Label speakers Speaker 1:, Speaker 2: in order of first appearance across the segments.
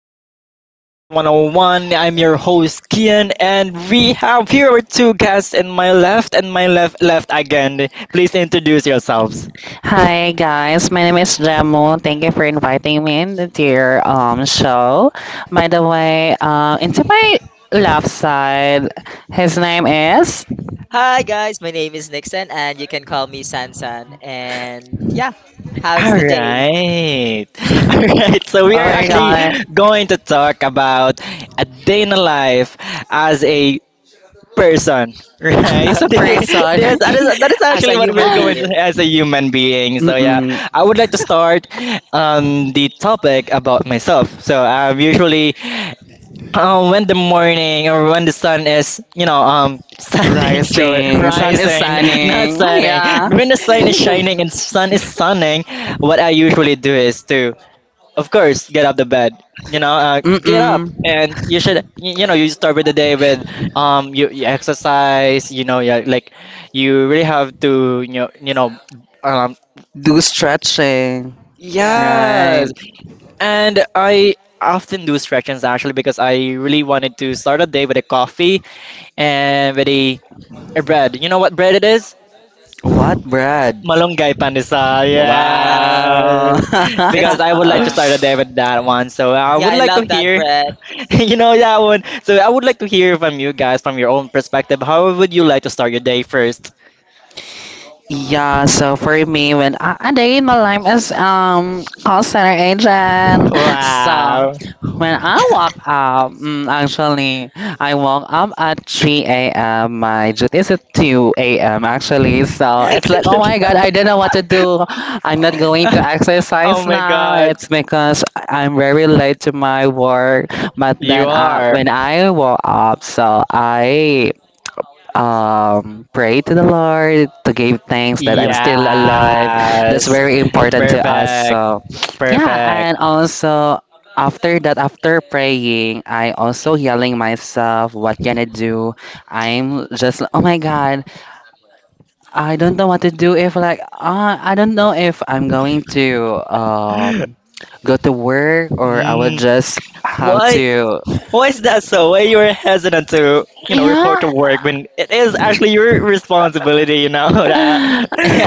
Speaker 1: Welcome to our podcast 101. I'm your host, Kian, and we have here our two guests in my left and my left, left again. Please introduce yourselves.
Speaker 2: Hi guys, my name is Jamu. Thank you for inviting me in to your show. By the way, into my left side, his name is.
Speaker 3: Hi guys, my name is Nixon and you can call me Sansan. And yeah,
Speaker 1: All
Speaker 3: how's the day?
Speaker 1: right. All right. So, we
Speaker 2: Oh
Speaker 1: are
Speaker 2: my
Speaker 1: actually
Speaker 2: god.
Speaker 1: going to talk about a day in the life as a person, right?
Speaker 2: As a person.
Speaker 1: That is
Speaker 3: As
Speaker 1: actually
Speaker 3: a
Speaker 1: what
Speaker 3: human
Speaker 1: we're going to,
Speaker 3: being.
Speaker 1: as a human being. So yeah,
Speaker 2: Mm-mm.
Speaker 1: I would like to start the topic about myself. So I'm usually when the morning or when the sun is standing, Joey,
Speaker 2: Rising, sun is
Speaker 1: rising, not
Speaker 2: shining.
Speaker 1: setting.
Speaker 2: Yeah.
Speaker 1: When the sun is shining and sun is sunning, what I usually do is to, of course, get out the bed. You know, get
Speaker 2: Mm-mm.
Speaker 1: up, and you should. You start with the day with you, you exercise. You know, yeah, like you really have to. Um,
Speaker 2: Do stretching. Yeah,
Speaker 3: Yeah.
Speaker 2: right.
Speaker 1: yes. And I often do stretches actually because I really wanted to start a day with a coffee and with a bread. You know what bread it is?
Speaker 2: What, Brad?
Speaker 1: Malunggay pandesal,
Speaker 3: Wow.
Speaker 2: Wow.
Speaker 1: yes.
Speaker 3: That's
Speaker 1: Because I would like to
Speaker 3: yeah.
Speaker 1: start a day with that one. So I
Speaker 3: Yeah,
Speaker 1: would
Speaker 3: I
Speaker 1: like to
Speaker 3: love that
Speaker 1: hear,
Speaker 3: bread.
Speaker 1: you know, that one. So I would like to hear from you guys, from your own perspective. How would you like to start your day first?
Speaker 2: Yeah, so for me, when I day in my life as call center agent, so
Speaker 1: Wow.
Speaker 2: when I woke up, actually I woke up at 3 a.m. My duty is at 2 a.m. actually, so it's like oh my god, I don't know what to do. I'm not
Speaker 1: Oh,
Speaker 2: going to
Speaker 1: oh
Speaker 2: exercise
Speaker 1: my
Speaker 2: now.
Speaker 1: God.
Speaker 2: It's because I'm very late to my work. But
Speaker 1: You
Speaker 2: then
Speaker 3: Mhm.
Speaker 1: are.
Speaker 2: when I woke up, so I pray to the Lord, to give thanks that I'm still alive. That's
Speaker 1: Yes.
Speaker 2: very important to us.
Speaker 1: Perfect.
Speaker 2: So, yeah,
Speaker 1: Perfect.
Speaker 2: and also after that, after praying, I also yelling myself, "What can I do?" I'm just, oh my God, I don't know what to do. If like, I don't know if I'm going to go to work or I will
Speaker 1: Mm,
Speaker 2: just have
Speaker 1: what?
Speaker 2: to,
Speaker 1: Why is that so? Why you are hesitant to, you know, report
Speaker 2: yeah.
Speaker 1: to work when it is actually your responsibility, that?
Speaker 2: Yeah,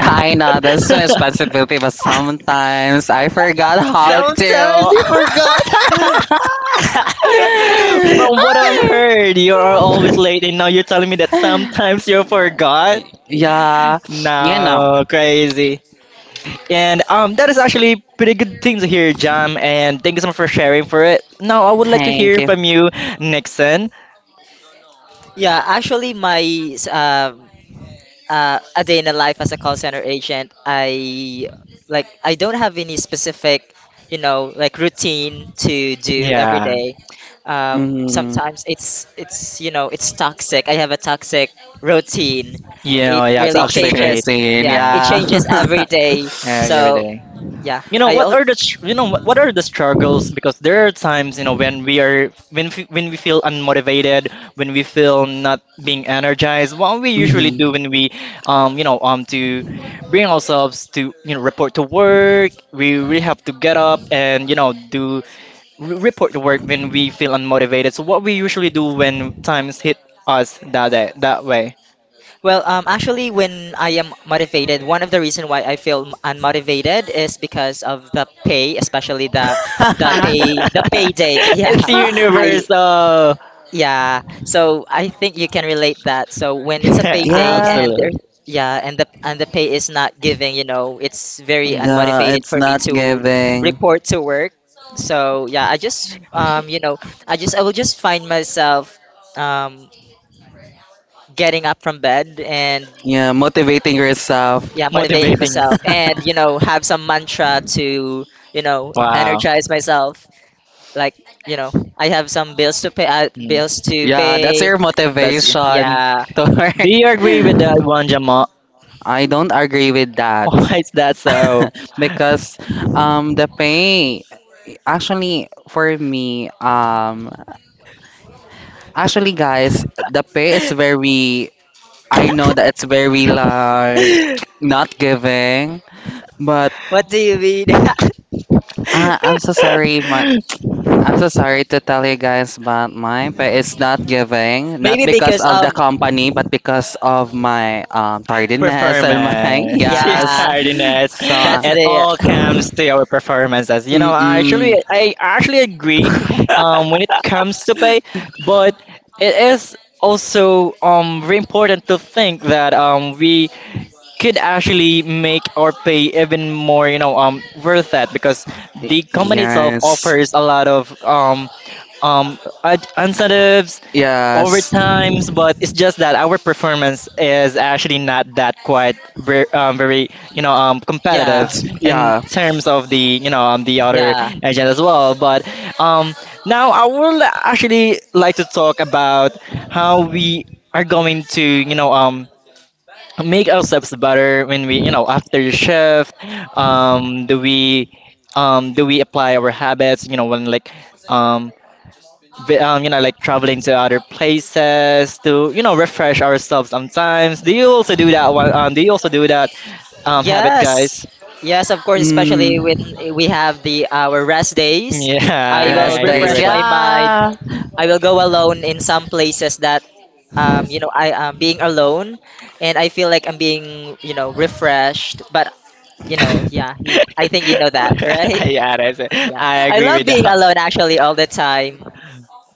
Speaker 2: I know that's my responsibility, but sometimes I forgot how
Speaker 1: Sometimes
Speaker 2: to.
Speaker 1: you forgot. From what I've heard, you are always late, and now you're telling me that sometimes you forgot.
Speaker 2: Yeah, you know.
Speaker 1: No, crazy. And that is actually pretty good thing to hear, Jam. And thank you so much for sharing for it. Now I would like to
Speaker 2: Thank
Speaker 1: hear
Speaker 2: you.
Speaker 1: from you, Nixon.
Speaker 3: Yeah, actually, s- um, a day in the life as a call center agent, I don't have any specific, like routine to do every
Speaker 1: Yeah,
Speaker 3: day.
Speaker 2: Mm,
Speaker 3: Sometimes it's you know it's toxic. I have a toxic routine. It
Speaker 1: yeah,
Speaker 3: really
Speaker 1: toxic
Speaker 2: toxic
Speaker 1: trait.
Speaker 3: changes.
Speaker 2: routine.
Speaker 3: Yeah,
Speaker 1: Yeah.
Speaker 3: it
Speaker 2: Yeah.
Speaker 3: changes every day.
Speaker 1: Every
Speaker 3: So
Speaker 1: day.
Speaker 3: yeah,
Speaker 1: You know what are the you know what are the struggles because there are times you know when we are when we feel unmotivated when we feel not being energized what we usually do
Speaker 2: Mhm.
Speaker 1: when we to bring ourselves to you know report to work we really have to get up and you know do report to work when we feel unmotivated so what we usually do when times hit us that way.
Speaker 3: Well, actually, when I am motivated, one of the reason why I feel unmotivated is because of the pay, especially the the pay the payday.
Speaker 1: It's
Speaker 3: Yeah, I
Speaker 1: universal.
Speaker 3: yeah. So I think you can relate that. So when it's a payday
Speaker 2: Yeah,
Speaker 3: and
Speaker 1: Absolutely.
Speaker 3: there, yeah, and the pay is not giving, it's very
Speaker 1: Mm.
Speaker 2: yeah,
Speaker 3: unmotivated
Speaker 2: it's
Speaker 3: for me
Speaker 2: not
Speaker 3: to
Speaker 2: giving.
Speaker 3: report to work. So yeah, I just you know, I just I will just find myself um, getting up from bed, and
Speaker 2: Yeah, motivating yourself.
Speaker 3: yeah, motivating
Speaker 1: Motivating you.
Speaker 3: myself, and have some mantra to
Speaker 1: Wow.
Speaker 3: energize myself, like you know I have some bills to pay uh,
Speaker 1: Mm.
Speaker 3: bills to
Speaker 2: Yeah, that's
Speaker 3: pay
Speaker 2: your
Speaker 1: That's good.
Speaker 2: motivation
Speaker 3: Yeah.
Speaker 2: to
Speaker 1: Do you agree
Speaker 2: work.
Speaker 1: with that one, Jamal?
Speaker 2: I don't agree with that.
Speaker 1: Why is that so?
Speaker 2: Because the pay actually for me, actually guys, the pay is very, I know that it's very like not giving, but
Speaker 3: What do you mean?
Speaker 2: I'm so sorry, man. I'm so sorry to tell you guys, but my pay is not giving, not
Speaker 3: Maybe
Speaker 2: because
Speaker 3: because
Speaker 2: of the
Speaker 3: of,
Speaker 2: company, but because of my tardiness and my,
Speaker 1: Performance, yes,
Speaker 2: yes.
Speaker 3: yeah,
Speaker 1: tardiness.
Speaker 2: So,
Speaker 3: that's
Speaker 1: It
Speaker 3: the.
Speaker 1: all comes to our performances. You know,
Speaker 2: mm-mm.
Speaker 1: I actually agree when it comes to pay, but it is also very important to think that we could actually make our pay even more worth that because
Speaker 2: Y-
Speaker 1: the company itself
Speaker 2: Yes.
Speaker 1: offers a lot of incentives,
Speaker 2: Yes.
Speaker 1: overtimes, but it's just that our performance is actually not that very,
Speaker 3: Yeah,
Speaker 1: competitive
Speaker 2: It's
Speaker 1: in
Speaker 2: yeah.
Speaker 1: terms of the the other
Speaker 3: yeah.
Speaker 1: agent as well. But um now I would actually like to talk about how we are going to make ourselves better when we, you know, after the shift, um do we do we apply our habits, you know, when like um, you know, like traveling to other places to, you know, refresh ourselves sometimes. Do you also do that one?
Speaker 3: Mm.
Speaker 1: Do you also do that habit,
Speaker 3: Yes,
Speaker 1: guys?
Speaker 3: yes, of course. Especially when
Speaker 2: Mm.
Speaker 3: we have the our rest days, I
Speaker 1: Yeah,
Speaker 2: Yes,
Speaker 3: will
Speaker 1: I agree
Speaker 2: days.
Speaker 3: refresh
Speaker 1: with
Speaker 3: my
Speaker 1: that.
Speaker 3: mind.
Speaker 2: Yeah.
Speaker 3: I will go alone in some places that I am being alone, and I feel like I'm being refreshed. But yeah, I think you know that, right?
Speaker 1: Yeah, that's it.
Speaker 3: Yeah,
Speaker 1: I
Speaker 3: I
Speaker 1: agree
Speaker 3: love
Speaker 1: with
Speaker 3: being
Speaker 1: that.
Speaker 3: alone actually all the time.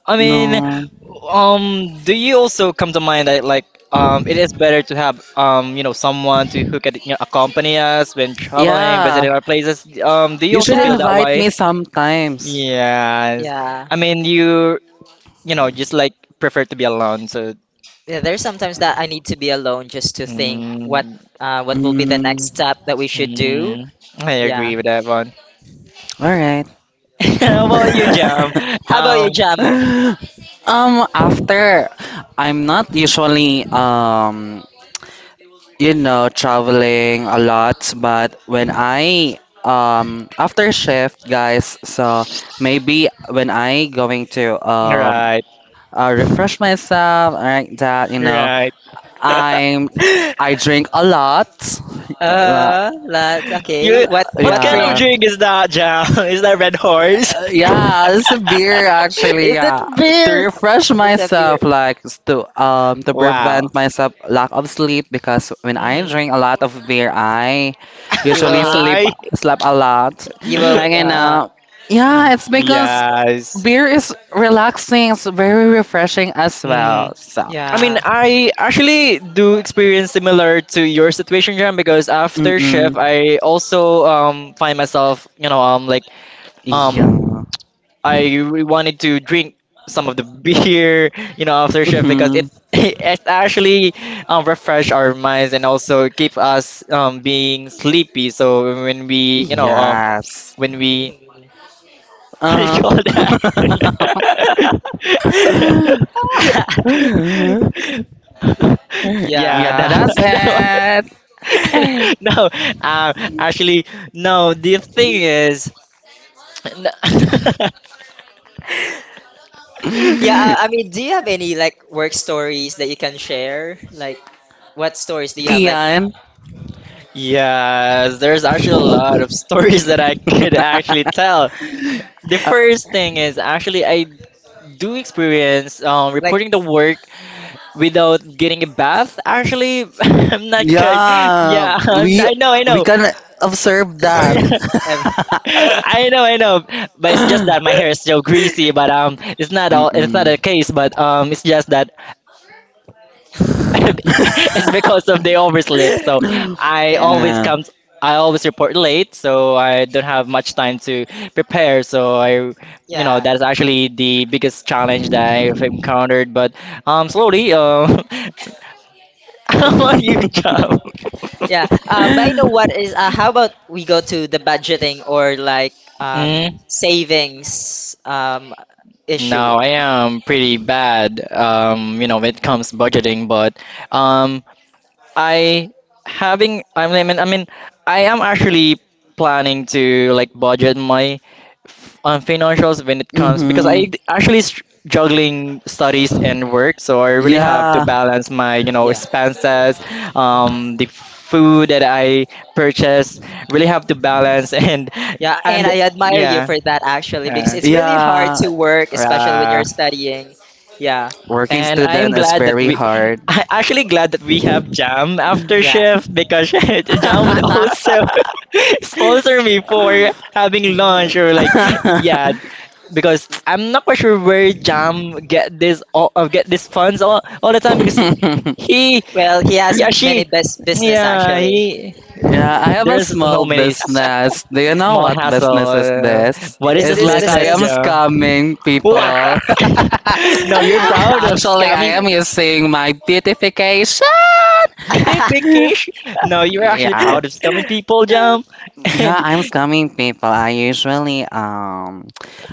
Speaker 1: I mean,
Speaker 2: No.
Speaker 1: do you also come to mind that like it is better to have you know, someone to who can, you know, accompany us when traveling,
Speaker 2: Yeah.
Speaker 1: visiting our places? Do you
Speaker 2: You
Speaker 1: also
Speaker 2: should
Speaker 3: Yeah,
Speaker 1: feel that
Speaker 2: invite
Speaker 1: way?
Speaker 2: me sometimes.
Speaker 1: Yes.
Speaker 3: yeah,
Speaker 1: I mean, you know, just like prefer to be alone. So,
Speaker 3: yeah. There's sometimes that I need to be alone just to think what,
Speaker 1: mm,
Speaker 3: uh, what will be the
Speaker 2: Mm,
Speaker 3: next step that we should do.
Speaker 1: mm, I
Speaker 3: Yeah.
Speaker 1: agree with that one.
Speaker 2: all right.
Speaker 1: How about you, Jam?
Speaker 3: How about
Speaker 1: Um,
Speaker 3: you, Jamo?
Speaker 2: After I'm not usually you know, traveling a lot. But when I, after shift, guys, so maybe when I going to
Speaker 1: right,
Speaker 2: refresh myself like that, you know,
Speaker 1: right.
Speaker 2: I'm I drink a lot. La-
Speaker 3: That's okay.
Speaker 1: You,
Speaker 3: What
Speaker 1: what
Speaker 3: what
Speaker 1: kind of
Speaker 2: Yeah.
Speaker 3: drink?
Speaker 1: drink is that, Jam? Is that Red Horse?
Speaker 2: Yeah, it's a beer actually.
Speaker 1: Is it
Speaker 2: Yeah, to
Speaker 1: beer?
Speaker 2: refresh
Speaker 3: It's a
Speaker 2: myself,
Speaker 3: beer.
Speaker 2: like s- to prevent
Speaker 1: Wow.
Speaker 2: myself lack of sleep because when I
Speaker 3: Hmm.
Speaker 2: drink a lot of beer, I
Speaker 3: You
Speaker 2: usually
Speaker 3: will
Speaker 2: sleep
Speaker 1: I.
Speaker 2: a lot.
Speaker 3: you will
Speaker 2: Like, and
Speaker 3: uh
Speaker 2: yeah, it's because
Speaker 1: Yes.
Speaker 2: beer is relaxing. It's very refreshing as well.
Speaker 1: Mm.
Speaker 2: So.
Speaker 1: I mean,
Speaker 3: yeah.
Speaker 1: I actually do experience similar to your situation, John, because after
Speaker 2: Mm-mm.
Speaker 1: shift, I also find myself, you know, like um
Speaker 2: Yeah.
Speaker 1: wanted to drink some of the beer, you know, after shift because it
Speaker 2: Mhm.
Speaker 1: it actually refresh our minds and also keep us being sleepy. So when we, you know,
Speaker 2: Yes.
Speaker 1: when we
Speaker 3: Mhm.
Speaker 1: what do you
Speaker 2: Uh
Speaker 1: call
Speaker 2: huh.
Speaker 1: that? Yeah,
Speaker 3: Yeah.
Speaker 2: Yeah, that's
Speaker 1: no,
Speaker 2: it.
Speaker 1: no, no. Actually, no. The thing is, no.
Speaker 3: Yeah, I mean, do you have any like work stories that you can share? Like, what stories do you have like
Speaker 2: Ian.
Speaker 1: Yes, there's actually a lot of stories that I could actually tell. The
Speaker 2: Uh,
Speaker 1: first thing is actually I do experience
Speaker 3: like
Speaker 1: reporting the work without getting a bath. Actually, I'm not good.
Speaker 2: yeah,
Speaker 1: Yeah,
Speaker 2: we
Speaker 1: I know, I
Speaker 2: we
Speaker 1: know.
Speaker 2: can observe that.
Speaker 3: ever?
Speaker 1: I know, I know. But it's just
Speaker 2: Mm-mm.
Speaker 1: that my hair is so greasy. But it's not all. It's not a case. But it's just that it's because of the oversleep. So I
Speaker 3: Yeah,
Speaker 1: always
Speaker 2: No.
Speaker 1: come. I always report late, so I don't have much time to prepare. So I, you know,
Speaker 3: yeah,
Speaker 1: that's actually the biggest challenge that I've encountered. But slowly, how about you, job?
Speaker 3: yeah. I know what is. How about we go to the budgeting or like
Speaker 1: Mm,
Speaker 3: savings issue?
Speaker 1: no, I am pretty bad. You know, when it comes budgeting, but um, I having I mean, I am actually planning to like budget my on financials when it comes because I
Speaker 2: Mm-hmm.
Speaker 1: d- actually str- juggling studies and work, so I really have to
Speaker 2: Yeah,
Speaker 1: balance my, you know,
Speaker 3: Yeah,
Speaker 1: expenses, the food that I purchase. Really have to balance and
Speaker 3: yeah. And
Speaker 1: and
Speaker 3: I admire you
Speaker 1: yeah,
Speaker 3: for that actually, because
Speaker 1: yeah,
Speaker 3: it's really hard
Speaker 2: yeah.
Speaker 3: to work, especially when
Speaker 1: uh,
Speaker 3: you're studying. Yeah,
Speaker 2: Working
Speaker 1: and I am
Speaker 2: student is
Speaker 1: glad that
Speaker 2: very
Speaker 1: we,
Speaker 2: hard.
Speaker 1: I actually glad that we have Jam after
Speaker 3: yeah.
Speaker 1: shift because Jam would also sponsor me for having lunch or like, yeah, because I'm not quite sure where Jam get this all, get this funds all the time because he,
Speaker 3: Well, he
Speaker 1: yeah,
Speaker 3: has many best business actually.
Speaker 1: he,
Speaker 2: Yeah, I have a
Speaker 1: there's no
Speaker 2: small
Speaker 1: many
Speaker 2: business. Do you know
Speaker 1: small
Speaker 2: what
Speaker 1: hassle.
Speaker 2: business is this?
Speaker 1: What is
Speaker 3: Is
Speaker 1: this
Speaker 2: It's
Speaker 3: this
Speaker 2: like I
Speaker 1: business,
Speaker 2: am
Speaker 3: business?
Speaker 1: Joe?
Speaker 2: scamming
Speaker 1: Wow!
Speaker 2: people.
Speaker 1: No, you're proud of
Speaker 2: Actually,
Speaker 1: scamming.
Speaker 2: I am using my beautification.
Speaker 1: Beautification. No, you're actually
Speaker 2: Yeah.
Speaker 1: proud of scamming people, Jump.
Speaker 2: Yeah,
Speaker 1: And
Speaker 2: I'm scamming people. I usually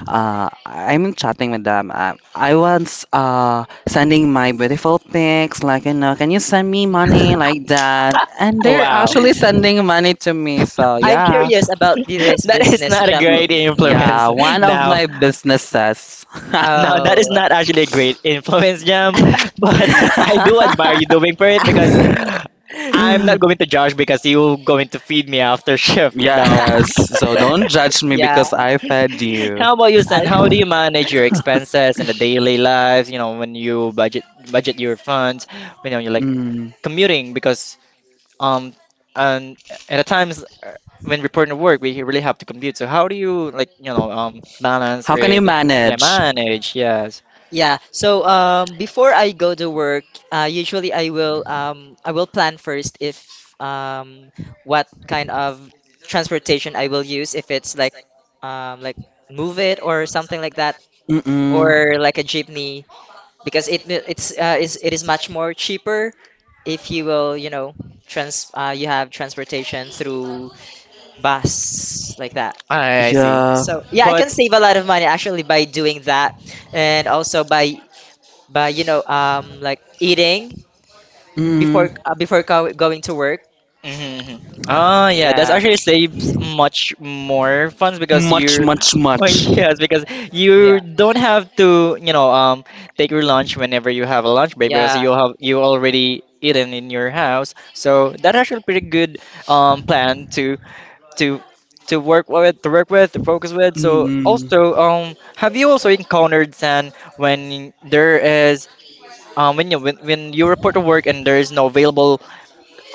Speaker 2: I'm chatting with them. I was sending my beautiful pics like, you know, can you send me money like that? And they're
Speaker 1: wow,
Speaker 2: actually sending money to me. So,
Speaker 3: I'm
Speaker 2: yeah.
Speaker 3: curious about this
Speaker 1: that is
Speaker 3: business,
Speaker 1: not a
Speaker 3: Shamu.
Speaker 1: great
Speaker 2: Yeah,
Speaker 1: influence
Speaker 2: one of
Speaker 1: now.
Speaker 2: my businesses.
Speaker 1: Now, that is
Speaker 3: Oh.
Speaker 1: not actually a great influence, Jam, but I do admire you doing for it because I'm not going to judge because you're going to feed me after shift now.
Speaker 2: Yes, so don't judge me
Speaker 3: Yeah.
Speaker 2: because I fed you.
Speaker 1: How about you, Sen?
Speaker 3: I
Speaker 1: How do you manage your expenses in the daily life? You know, when you budget your funds, you know, you're like
Speaker 2: Mm.
Speaker 1: commuting because um and at times when reporting to work, we really have to commute. So how do you like, you know, balance
Speaker 2: How
Speaker 1: or
Speaker 2: can you
Speaker 1: yeah,
Speaker 2: manage?
Speaker 1: manage? Yes.
Speaker 3: Yeah. So, before I go to work, usually I will plan first if um, what kind of transportation I will use, if it's like move it or something like that,
Speaker 2: Mm-mm.
Speaker 3: or like a jeepney, because it is much more cheaper if you will you know trans you have transportation through bus like that.
Speaker 1: I see.
Speaker 2: Yeah.
Speaker 3: So yeah, I
Speaker 1: But
Speaker 3: can save a lot of money actually by doing that, and also by but like eating
Speaker 2: Mm.
Speaker 3: before go going to work.
Speaker 1: mhm, mhm. Ah, yeah, that's
Speaker 3: Yeah,
Speaker 1: actually saves much more funds because
Speaker 2: Much,
Speaker 1: you,
Speaker 2: much,
Speaker 1: oh,
Speaker 2: much.
Speaker 1: yes, because you
Speaker 3: yeah,
Speaker 1: don't have to, you know, take your lunch whenever you have a lunch break because
Speaker 3: yeah,
Speaker 1: you have you already eaten in your house. So that's actually pretty good plan to to to work with, to focus with. So
Speaker 2: Mm-mm.
Speaker 1: also, have you also encountered San when there is when when you report to work and there is no available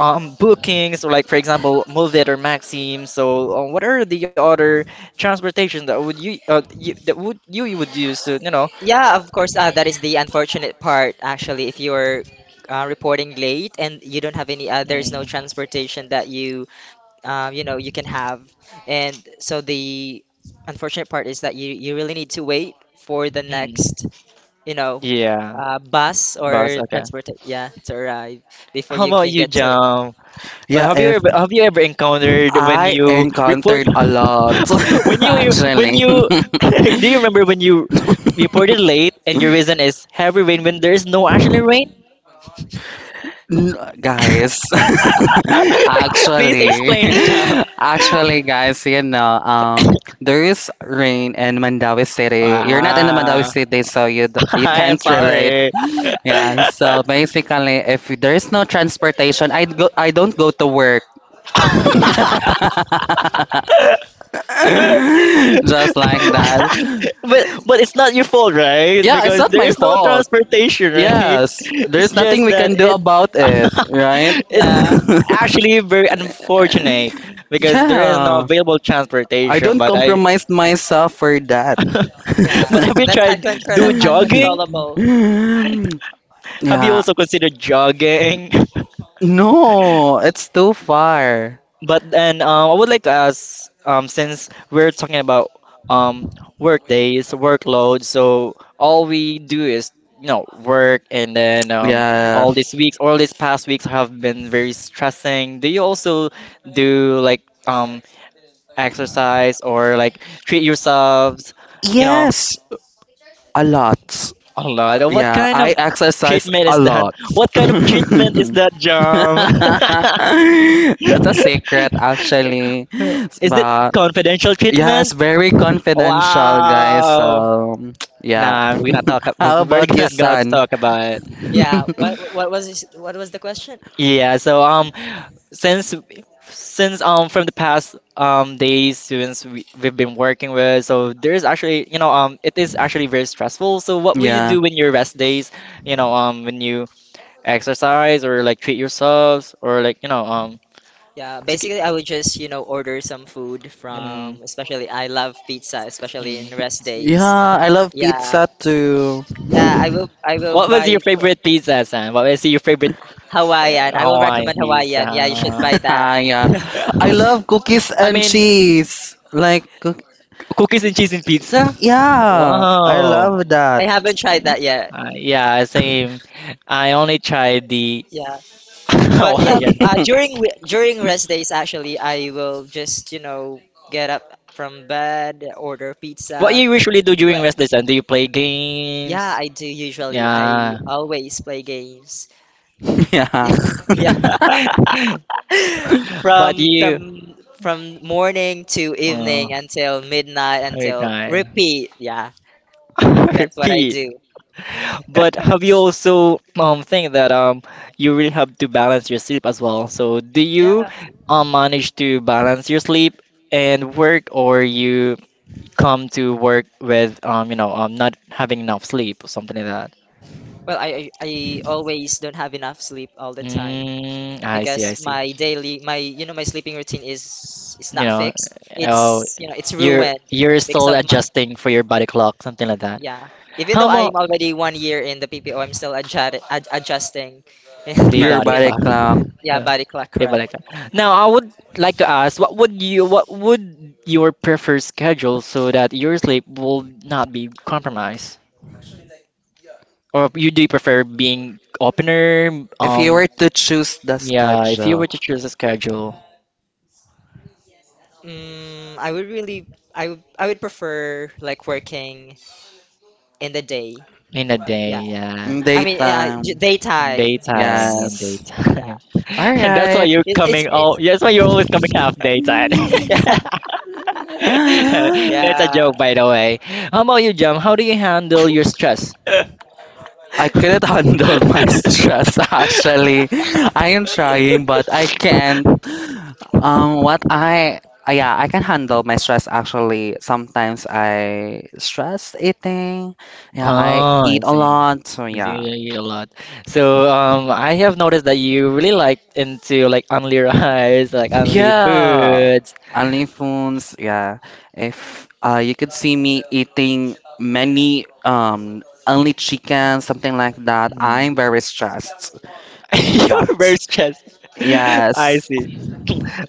Speaker 1: bookings or like, for example, move or maxim, so what are the other transportation that that would you, you would use to, you know,
Speaker 3: yeah. Of course, that is the unfortunate part. Actually, if you're reporting late and you don't have there is no
Speaker 1: mm,
Speaker 3: transportation that you can have, and so the unfortunate part is that you really need to wait for the
Speaker 1: mm,
Speaker 3: next, you know,
Speaker 1: yeah,
Speaker 3: bus
Speaker 1: bus,
Speaker 3: or
Speaker 1: okay.
Speaker 3: transport. Yeah, to arrive before
Speaker 1: How
Speaker 3: you
Speaker 1: about
Speaker 3: can
Speaker 1: you,
Speaker 3: get to.
Speaker 1: jam?
Speaker 2: Yeah,
Speaker 1: Have you
Speaker 2: if
Speaker 1: ever, have you ever encountered when
Speaker 2: I
Speaker 1: you report
Speaker 2: encountered a lot,
Speaker 1: when you when
Speaker 2: actually.
Speaker 1: you do you remember when you reported late and your reason is heavy rain when there's no actually rain.
Speaker 2: N- guys,
Speaker 1: Please
Speaker 2: actually,
Speaker 1: explain, jam.
Speaker 2: actually guys, you know, there is rain in Mandawi City. You're not in the Mandawi
Speaker 1: Ah,
Speaker 2: City, so you d- you
Speaker 1: I am
Speaker 2: can't relate.
Speaker 1: sorry.
Speaker 2: Yeah,
Speaker 1: but
Speaker 2: so basically if there is no transportation, I don't go to work. Just like that.
Speaker 1: but it's not your fault, right?
Speaker 2: Yeah, it's
Speaker 1: Because
Speaker 2: not
Speaker 1: there
Speaker 2: my
Speaker 1: is no
Speaker 2: fault.
Speaker 1: transportation, right?
Speaker 2: Yes,
Speaker 1: It's
Speaker 2: there's nothing
Speaker 1: just
Speaker 2: we
Speaker 1: that
Speaker 2: can do
Speaker 1: it
Speaker 2: about it, right?
Speaker 1: it's
Speaker 3: Yeah,
Speaker 1: actually very unfortunate because there is no
Speaker 2: Yeah,
Speaker 1: available
Speaker 2: I
Speaker 1: transportation.
Speaker 2: don't
Speaker 1: But I
Speaker 2: compromise myself for that.
Speaker 3: yeah.
Speaker 1: but have you
Speaker 3: That's
Speaker 1: tried do
Speaker 3: uncontrollable.
Speaker 1: jogging?
Speaker 3: Uncontrollable.
Speaker 1: Have you
Speaker 2: Yeah,
Speaker 1: also considered jogging?
Speaker 2: no, it's too far.
Speaker 1: But then, I would like to ask, since we're talking about um, work days, workload, so all we do is, you know, work, and then
Speaker 2: Yeah,
Speaker 1: all these weeks, all these past weeks have been very stressing. Do you also do like, exercise or like treat yourselves, you know,
Speaker 2: yes, a lot.
Speaker 1: a lot? What
Speaker 2: Yeah,
Speaker 1: kind
Speaker 2: I
Speaker 1: of
Speaker 2: exercise
Speaker 1: treatment
Speaker 2: a
Speaker 1: is that?
Speaker 2: lot.
Speaker 1: What kind of treatment is that, Jam?
Speaker 2: That's a secret, actually.
Speaker 1: Is it
Speaker 2: But
Speaker 1: confidential
Speaker 2: yes,
Speaker 1: treatment?
Speaker 2: very confidential, guys.
Speaker 1: Wow.
Speaker 2: So yeah.
Speaker 1: Nah, we're not talk.
Speaker 2: How
Speaker 1: We're
Speaker 2: about you,
Speaker 1: not gonna
Speaker 2: son?
Speaker 1: talk about it.
Speaker 3: Yeah. What was the question?
Speaker 1: Yeah. So since from the past days, students we, we've been working with, so there's actually, you know, it is actually very stressful. So what will you
Speaker 2: Yeah.
Speaker 1: do in your rest days? When you exercise or like treat yourselves or like
Speaker 3: Yeah.
Speaker 1: to get.
Speaker 3: Basically, I would just order some food
Speaker 1: Mm,
Speaker 3: from. Especially, I love pizza, especially
Speaker 1: mm.
Speaker 3: in rest days.
Speaker 2: Yeah, I love
Speaker 3: Yeah.
Speaker 2: pizza too.
Speaker 3: Yeah. I will.
Speaker 1: What was your favorite pizza, Sam? What was your favorite
Speaker 3: Hawaiian. I will
Speaker 1: Hawaiian
Speaker 3: recommend Hawaiian. Yeah, you should
Speaker 1: pizza?
Speaker 3: buy that.
Speaker 2: Yeah. I love cookies
Speaker 1: I
Speaker 2: and
Speaker 1: mean,
Speaker 2: cheese. Like, cook-
Speaker 1: cookies and cheese and pizza?
Speaker 2: yeah, I
Speaker 1: Wow.
Speaker 2: love that.
Speaker 3: I haven't tried that yet.
Speaker 1: Yeah, same. I only tried the
Speaker 3: Yeah. But yeah,
Speaker 1: Hawaiian.
Speaker 3: during during rest days, actually, I will just, get up from bed, order
Speaker 1: What
Speaker 3: pizza.
Speaker 1: you usually do during
Speaker 3: Like,
Speaker 1: rest days? And Do you play
Speaker 3: yeah,
Speaker 1: games?
Speaker 3: I do usually. I
Speaker 1: Yeah.
Speaker 3: always play games.
Speaker 2: Yeah,
Speaker 3: Yeah, yeah.
Speaker 1: But
Speaker 3: from
Speaker 1: you...
Speaker 3: from from morning to
Speaker 1: Oh,
Speaker 3: evening until midnight
Speaker 1: very
Speaker 3: until
Speaker 1: nice.
Speaker 3: repeat. Yeah, that's what I
Speaker 1: Repeat.
Speaker 3: do.
Speaker 1: But have you also think that you really have to balance your sleep as well? So do you
Speaker 3: Yeah.
Speaker 1: manage to balance your sleep and work, or you come to work with not having enough sleep or something like that?
Speaker 3: Well, I always don't have enough sleep all the time.
Speaker 1: Mm, I
Speaker 3: Because
Speaker 1: see, I see.
Speaker 3: my daily my you know my sleeping routine is
Speaker 1: You
Speaker 3: not
Speaker 1: know,
Speaker 3: fixed. it's
Speaker 1: oh,
Speaker 3: you know it's
Speaker 1: you're
Speaker 3: ruined
Speaker 1: you're
Speaker 3: because
Speaker 1: still
Speaker 3: of my,
Speaker 1: adjusting for your body clock, something like that.
Speaker 3: yeah, even
Speaker 1: How
Speaker 3: though I'm
Speaker 1: about
Speaker 3: already 1 year in the PPO, I'm still adjusting in
Speaker 1: the
Speaker 2: your
Speaker 3: my
Speaker 1: body
Speaker 3: day.
Speaker 2: body
Speaker 1: clock.
Speaker 2: clock.
Speaker 3: Yeah,
Speaker 1: Uh,
Speaker 3: body clock,
Speaker 1: The body
Speaker 3: correct.
Speaker 1: clock. Now, I would like to ask, what would your preferred schedule so that your sleep will not be compromised? Or you do prefer being opener?
Speaker 2: If you were to choose the
Speaker 1: Yeah, if you
Speaker 2: schedule,
Speaker 1: were to choose a schedule
Speaker 3: Mm, I would really I would prefer like working in the day.
Speaker 1: in a day,
Speaker 3: Yeah,
Speaker 1: yeah,
Speaker 2: mm,
Speaker 3: I mean, yeah,
Speaker 2: daytime.
Speaker 3: daytime.
Speaker 1: in
Speaker 3: Yes,
Speaker 2: Yes.
Speaker 3: yeah.
Speaker 1: daytime,
Speaker 2: All
Speaker 1: and that's why
Speaker 2: right.
Speaker 1: you're
Speaker 3: It, it's
Speaker 1: coming.
Speaker 3: it,
Speaker 1: Oh, that's why you're always coming half daytime. That's a
Speaker 3: yeah,
Speaker 1: joke, by the way. How about you, Jam? How do you handle your stress?
Speaker 3: yeah.
Speaker 2: I cannot handle my stress actually. I am trying but I can't. What I Uh, yeah, I can handle my stress actually. Sometimes I stress eating. Yeah, I
Speaker 1: Oh, I
Speaker 2: eat a
Speaker 1: see.
Speaker 2: lot. So
Speaker 1: You see,
Speaker 2: yeah.
Speaker 1: you eat a lot. So, I have noticed that you really like into like only rice, like only
Speaker 2: Yeah.
Speaker 1: foods.
Speaker 2: Only foods, yeah. If you could see me eating many only chicken, something like that,
Speaker 1: Hmm.
Speaker 2: I'm very stressed on that.
Speaker 1: You're very stressed. I
Speaker 2: Yes.
Speaker 1: see.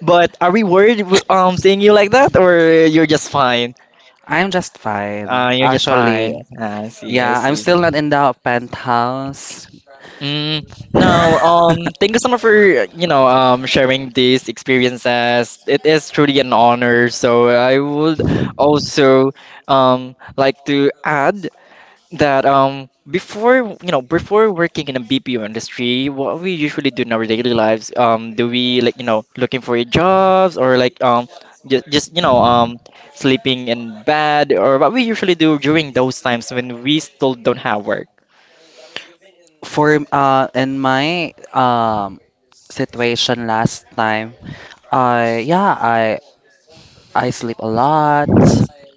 Speaker 1: But are we worried seeing you like that, or you're just fine?
Speaker 2: I'm just fine.
Speaker 1: You're just
Speaker 2: Actually,
Speaker 1: fine. Ah, I see. I
Speaker 2: yeah, I'm still
Speaker 1: see.
Speaker 2: not in the penthouse.
Speaker 1: Mm, no, thank you so much for, sharing these experiences. It is truly an honor. So I would also, like to add that, before, before working in a BPO industry, what we usually do in our daily lives, do we like, looking for jobs or like, just, just, you know, um, sleeping in bed or what we usually do during those times when we still don't have work.
Speaker 2: For in my situation last time, I yeah, I sleep a lot,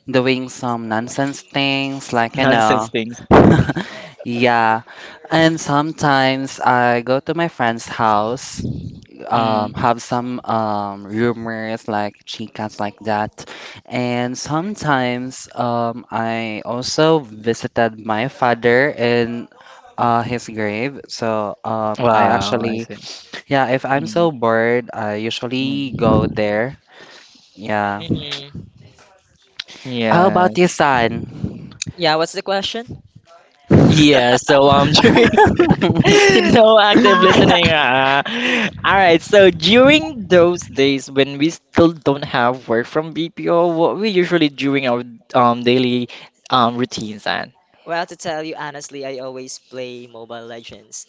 Speaker 2: doing some nonsense things like, you
Speaker 1: Nonsense
Speaker 2: know.
Speaker 1: things.
Speaker 2: Yeah, and sometimes I go to my friend's house,
Speaker 1: Mm.
Speaker 2: have some rumors like chicas like that. And sometimes I also visited my father in, his grave. So I
Speaker 1: Wow, I
Speaker 2: actually,
Speaker 1: see.
Speaker 2: yeah, if I'm
Speaker 1: Hmm.
Speaker 2: so bored, I usually
Speaker 1: Hmm.
Speaker 2: go there. Yeah.
Speaker 3: Hmm.
Speaker 2: How
Speaker 1: Yeah.
Speaker 2: about your son?
Speaker 3: Yeah, what's the question?
Speaker 1: Yeah, so during no active listening. All right, so during those days when we still don't have work from BPO, what we usually doing our daily routines and
Speaker 3: Well, to tell you honestly, I always play Mobile Legends.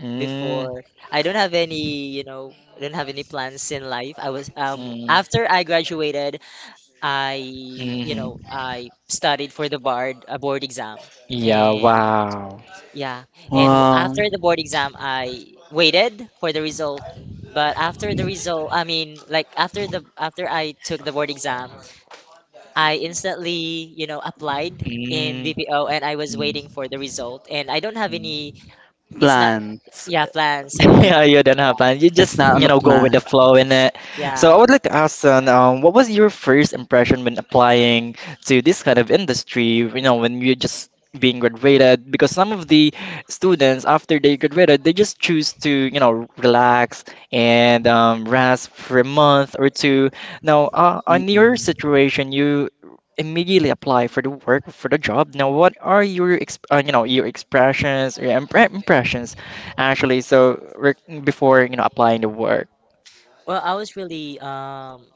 Speaker 1: mm,
Speaker 3: Before, I don't have any plans in life. I was
Speaker 1: mm,
Speaker 3: after I graduated, I, you
Speaker 1: hmm.
Speaker 3: know, I studied for the board a board exam.
Speaker 1: Yeah,
Speaker 3: And
Speaker 1: wow.
Speaker 3: yeah,
Speaker 2: Well,
Speaker 3: after the board exam, I waited for the result. But after the result, I mean, like after I took the board exam, I instantly applied in
Speaker 1: Mm-hmm.
Speaker 3: BPO and I was
Speaker 1: Mm-hmm.
Speaker 3: waiting for the result. And I don't have any, it's not,
Speaker 2: plans.
Speaker 3: yeah, plans yet.
Speaker 1: Yeah, you don't have
Speaker 3: Yeah,
Speaker 1: plans. You
Speaker 2: It's
Speaker 1: just,
Speaker 2: not on
Speaker 1: you
Speaker 2: the
Speaker 1: know, go with the
Speaker 2: plan.
Speaker 1: flow in it. So
Speaker 3: yeah.
Speaker 1: I would like to ask, Son, what was your first impression when applying to this kind of industry? You know, when you're just being graduated, because some of the students after they graduated, they just choose to, you know, relax and rest for a month or two. Now, on
Speaker 2: Mm-mm.
Speaker 1: your situation, you immediately apply for the work for the job. Now, what are your, exp you know, your impressions? Actually, before you know applying to work,
Speaker 3: Well, I was really, um,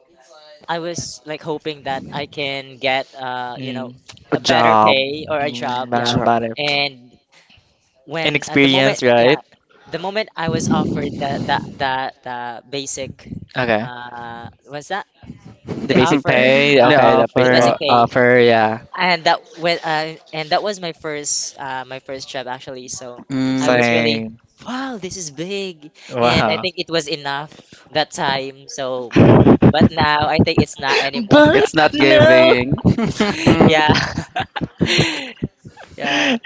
Speaker 3: I was like hoping that I can get, uh, you know,
Speaker 1: mm,
Speaker 2: A
Speaker 3: a better
Speaker 2: job.
Speaker 3: pay or a
Speaker 1: mm,
Speaker 3: job. Yeah.
Speaker 2: Job.
Speaker 1: about
Speaker 3: And when, at the moment,
Speaker 1: inexperience,
Speaker 3: yeah,
Speaker 1: right?
Speaker 3: the moment I was offered the basic,
Speaker 1: Okay,
Speaker 3: what's that?
Speaker 1: the
Speaker 3: The
Speaker 1: basic
Speaker 3: offer,
Speaker 1: pay.
Speaker 3: yeah,
Speaker 2: The
Speaker 3: the
Speaker 2: offer.
Speaker 3: basic pay.
Speaker 1: Offer. Yeah,
Speaker 3: And that was my first job actually. So I
Speaker 2: Mm.
Speaker 3: was really,
Speaker 1: saying
Speaker 3: "Wow, this is big," and I
Speaker 1: wow.
Speaker 3: think it was enough that time. So but now I think it's not anymore.
Speaker 1: But
Speaker 2: It's not
Speaker 1: no.
Speaker 2: giving.
Speaker 3: Yeah. Yeah,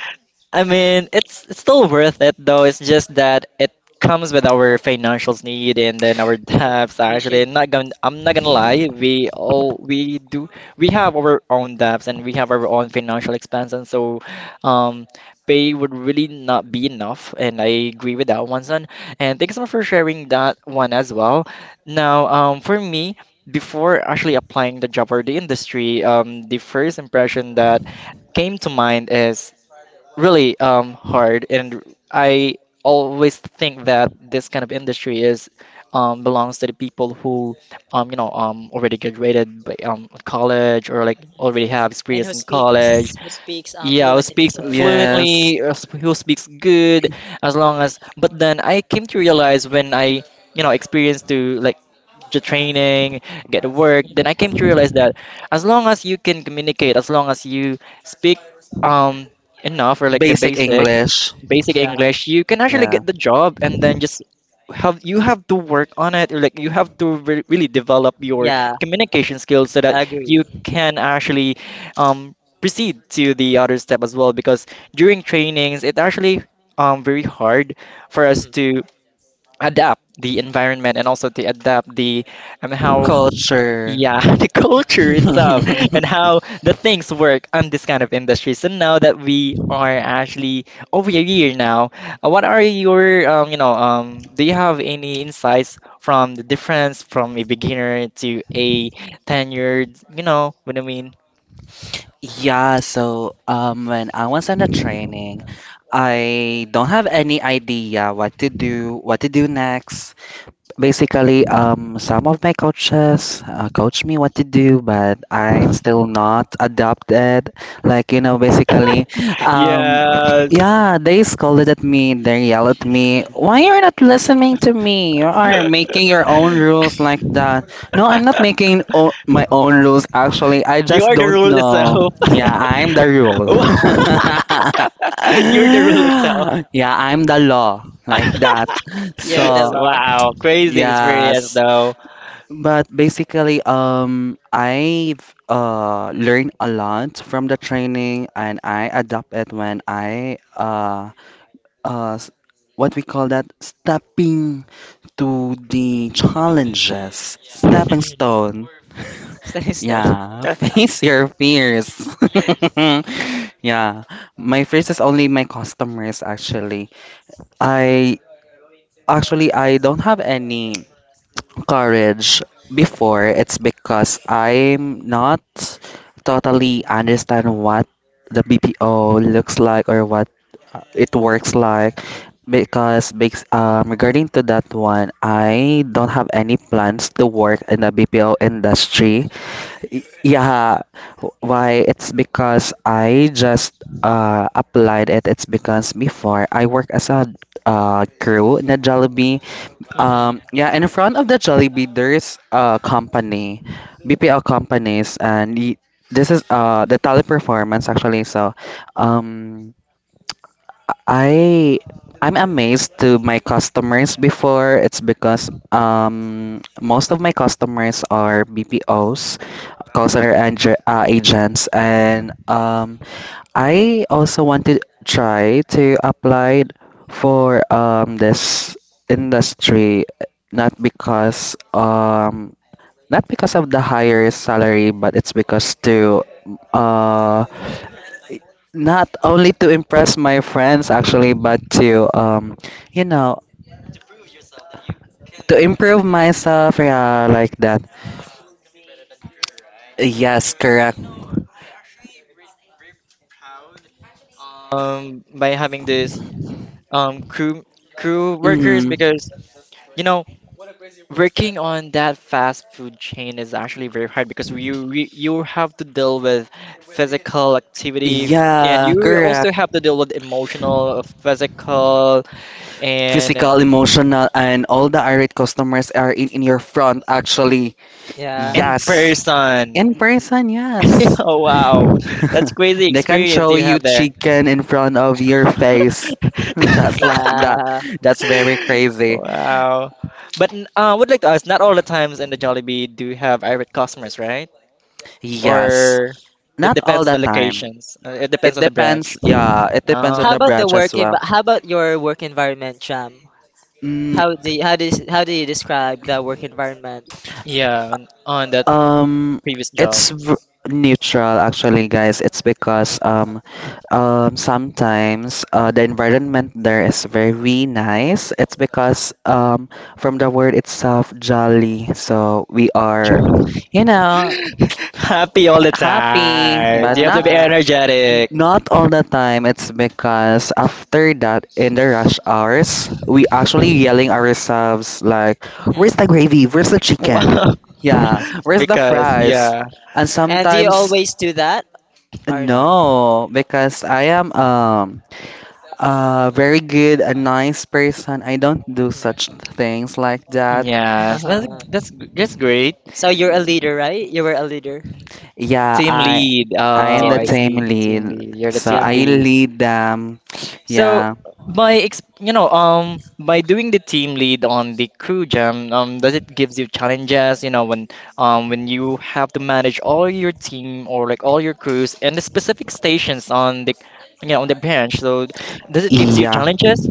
Speaker 1: I mean, it's still worth it though. It's just that it comes with our financials need and then our
Speaker 3: yeah,
Speaker 1: debts
Speaker 3: you
Speaker 1: actually.
Speaker 3: should.
Speaker 1: I'm not gonna lie, we all we do. We have our own debts and we have our own financial expenses, so um pay would really not be enough and I agree with that one son. And thanks so much for sharing that one as well. Now, for me before actually applying the job or the industry, the first impression that came to mind is really hard, and I always think that this kind of industry is belongs to the people who already graduated by, college or like
Speaker 3: Mhm.
Speaker 1: already have
Speaker 3: And
Speaker 1: experience
Speaker 3: who
Speaker 1: in college.
Speaker 3: speaks who speaks
Speaker 1: Yeah, who
Speaker 3: fluent in
Speaker 1: speaks
Speaker 3: English.
Speaker 2: Yes.
Speaker 1: fluently, who speaks good, as long as. But then I came to realize when I, you know, experienced to like the training, get the work, then
Speaker 3: Mhm.
Speaker 1: I came to realize that as long as you can communicate, as long as you speak um enough or like the
Speaker 2: Basic
Speaker 1: basic,
Speaker 2: English.
Speaker 1: basic
Speaker 3: Yeah,
Speaker 1: English, you can actually
Speaker 2: Yeah.
Speaker 1: get the job, and then just have you have to work on it, or like you have to re really develop your
Speaker 3: yeah,
Speaker 1: communication skills so that
Speaker 3: agree.
Speaker 1: you can actually um proceed to the other step as well because during trainings it actually very hard for us
Speaker 3: Mhm.
Speaker 1: to adapt the environment and also to adapt the how
Speaker 2: Culture.
Speaker 1: yeah the culture itself and how the things work on this kind of industry so now that we are actually over a year now. What are your do you have any insights from the difference from a beginner to a tenured, you know what I mean?
Speaker 2: Yeah, so when I was in the training, I don't have any idea what to do next. Basically, some of my coaches, coach me what to do, but I'm still not adopted. Like, you know, basically, um,
Speaker 1: Yeah,
Speaker 2: yeah, they scolded at me, they yelled at me, why
Speaker 1: mm,
Speaker 2: you're not listening to me? You are making your own rules like that. No, I'm not making o- my own rules, actually. I
Speaker 1: you
Speaker 2: just
Speaker 1: are the
Speaker 2: don't
Speaker 1: rule itself.
Speaker 2: know. Yeah, I'm the rule.
Speaker 1: You're the rule itself.
Speaker 2: Yeah, I'm the law, like that.
Speaker 3: You're the
Speaker 2: So,
Speaker 1: So,
Speaker 3: law.
Speaker 1: wow, crazy experience
Speaker 2: yes.
Speaker 1: though.
Speaker 2: But basically, I've learned a lot from the training, and I adopt it when I uh, s- what we call that stepping to the challenges, stepping stone.
Speaker 3: So, so.
Speaker 2: Yeah, face your fears. Yeah, my fears is only my customers actually. I I don't have any courage before, it's because I'm not totally understand what the BPO looks like or what it works like. Because bas- regarding to that one, I don't have any plans to work in the BPO industry. Y- Yeah, why? It's because I just applied it. It's because before I work as a crew in a Jollibee,
Speaker 3: Mhm.
Speaker 2: yeah, and in front of the Jollibee, there's a company, BPL companies, and y- this is the teleperformance actually. So, um, I I'm amazed to my customers before. It's because most of my customers are BPOs, call center ang- agents, and I also want to try to apply for this industry, not because not because of the higher salary, but it's because to, uh not only to impress my friends actually, but to, you know, to improve myself, yeah, like that. Yes, correct.
Speaker 1: By having this um crew crew workers
Speaker 2: Mm-hmm.
Speaker 1: because you know working on that fast food chain is actually very hard because you have to deal with physical activity and
Speaker 2: Yeah,
Speaker 1: you
Speaker 2: correct.
Speaker 1: also have to deal with emotional, physical, and
Speaker 2: Physical, emotional, and all the irate customers are in your front, actually.
Speaker 3: Yeah.
Speaker 1: in
Speaker 2: Yes.
Speaker 1: person.
Speaker 2: In person, yes.
Speaker 1: Oh wow, that's crazy
Speaker 2: They can
Speaker 1: experience
Speaker 2: throw
Speaker 1: you
Speaker 2: you
Speaker 1: have there.
Speaker 2: chicken in front of your face. Just like that.
Speaker 3: Yeah.
Speaker 2: That's very crazy.
Speaker 1: Wow. But I would like to ask, not all the times in the Jollibee do you have irate customers, right?
Speaker 2: Yes.
Speaker 1: Or it
Speaker 2: Not all
Speaker 1: depends on
Speaker 2: the
Speaker 1: the
Speaker 2: time.
Speaker 1: locations. It
Speaker 2: It
Speaker 1: depends on the branch.
Speaker 2: depends. Yeah, it depends on
Speaker 1: Uh,
Speaker 2: the branch as well.
Speaker 3: How about your work environment, Cham?
Speaker 2: Mm.
Speaker 3: How do you describe the work environment?
Speaker 1: yeah, on that
Speaker 2: Um,
Speaker 1: previous job.
Speaker 2: it's v- neutral actually, guys. It's because sometimes the environment there is very nice. It's because from the word itself, jolly. So we are, you know,
Speaker 1: Happy all the
Speaker 2: happy,
Speaker 1: time.
Speaker 2: but
Speaker 1: You have to
Speaker 2: not
Speaker 1: be
Speaker 3: Yeah.
Speaker 1: energetic.
Speaker 2: not all the time. It's because after that, in the rush hours, we actually yelling ourselves like, "Where's the
Speaker 3: Mhm.
Speaker 2: gravy? Where's the chicken?
Speaker 1: Wow.
Speaker 2: Yeah, where's the
Speaker 1: Because
Speaker 2: fries?"
Speaker 1: yeah.
Speaker 2: And
Speaker 3: And do you
Speaker 2: sometimes
Speaker 3: always do that or no?
Speaker 2: no, because I am a very good, a nice person. I don't do such
Speaker 3: Mhm.
Speaker 2: things like that.
Speaker 1: Yes,
Speaker 3: Uh-huh.
Speaker 1: that's great.
Speaker 3: So you're a leader, right? You were a leader,
Speaker 2: Yeah,
Speaker 1: Team lead.
Speaker 2: I am
Speaker 1: Oh,
Speaker 3: team
Speaker 2: the
Speaker 1: I
Speaker 3: lead.
Speaker 1: see.
Speaker 2: team
Speaker 1: Team
Speaker 2: lead,
Speaker 1: lead. You're the
Speaker 2: so
Speaker 1: team
Speaker 2: I
Speaker 3: Yeah.
Speaker 1: lead.
Speaker 2: lead them.
Speaker 1: So
Speaker 2: Yeah.
Speaker 1: by ex you know, by doing the team lead on the crew jam, does it gives you challenges, you know, when you have to manage all your team or like all your crews and the specific stations on the you know on the branch. So does it gives you
Speaker 2: Yeah,
Speaker 1: challenges?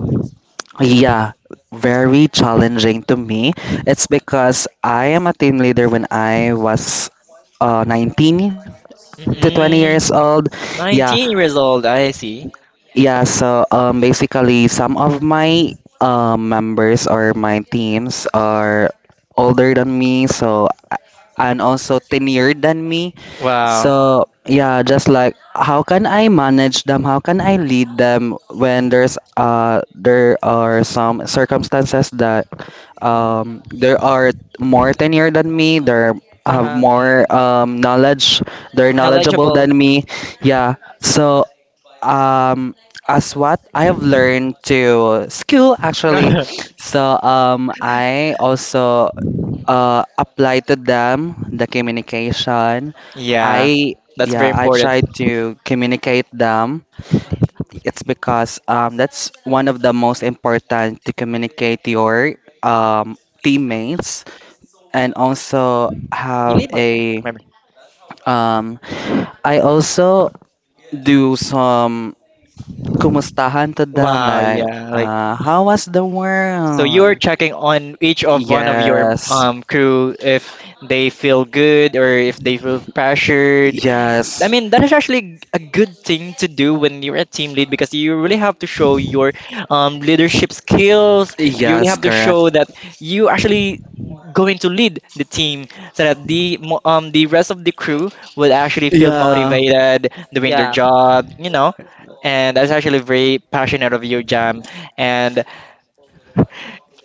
Speaker 2: yeah, very challenging to me. It's because I am a team leader when I was 19 to 20 years
Speaker 1: Mm,
Speaker 3: Hmm.
Speaker 2: old. Yeah.
Speaker 1: 19 years old, I see.
Speaker 2: Yeah, so basically, some of my members or my teams are older than me, so, and also tenured than me.
Speaker 1: Wow.
Speaker 2: So yeah, just like how can I manage them? How can I lead them when there's there are some circumstances that
Speaker 1: Mm,
Speaker 2: there are more tenured than me. They have
Speaker 3: Uh-huh.
Speaker 2: more
Speaker 1: mm.
Speaker 2: knowledge. They're knowledgeable
Speaker 3: Knowledgeable.
Speaker 2: than me. Yeah. So um as what I have learned to skill actually. So I also apply to them the communication.
Speaker 1: Yeah,
Speaker 2: I
Speaker 1: that's very
Speaker 2: yeah, I
Speaker 1: important.
Speaker 2: try to communicate them. It's because that's one of the most important to communicate your um teammates and also
Speaker 3: You
Speaker 2: have
Speaker 3: need more.
Speaker 2: a
Speaker 1: Mm,
Speaker 2: um I also do some Kumustahan to them?
Speaker 1: wow,
Speaker 2: Like,
Speaker 1: yeah. Like
Speaker 2: how
Speaker 3: Mhm.
Speaker 2: was the
Speaker 1: so you're
Speaker 2: world?
Speaker 1: checking on each of one of your
Speaker 2: Yes,
Speaker 1: crew if they feel good or if they feel pressured. I
Speaker 2: yes,
Speaker 1: mean, that is actually a good thing to do when you're a team lead because you really have to show your leadership skills. You really
Speaker 2: yes,
Speaker 1: have to
Speaker 2: correct.
Speaker 1: show that you actually going to lead the team so that the the rest of the crew will actually feel
Speaker 2: Yeah,
Speaker 1: motivated doing their
Speaker 3: Yeah.
Speaker 1: job, you know. And that's actually very passionate of you, Jam. And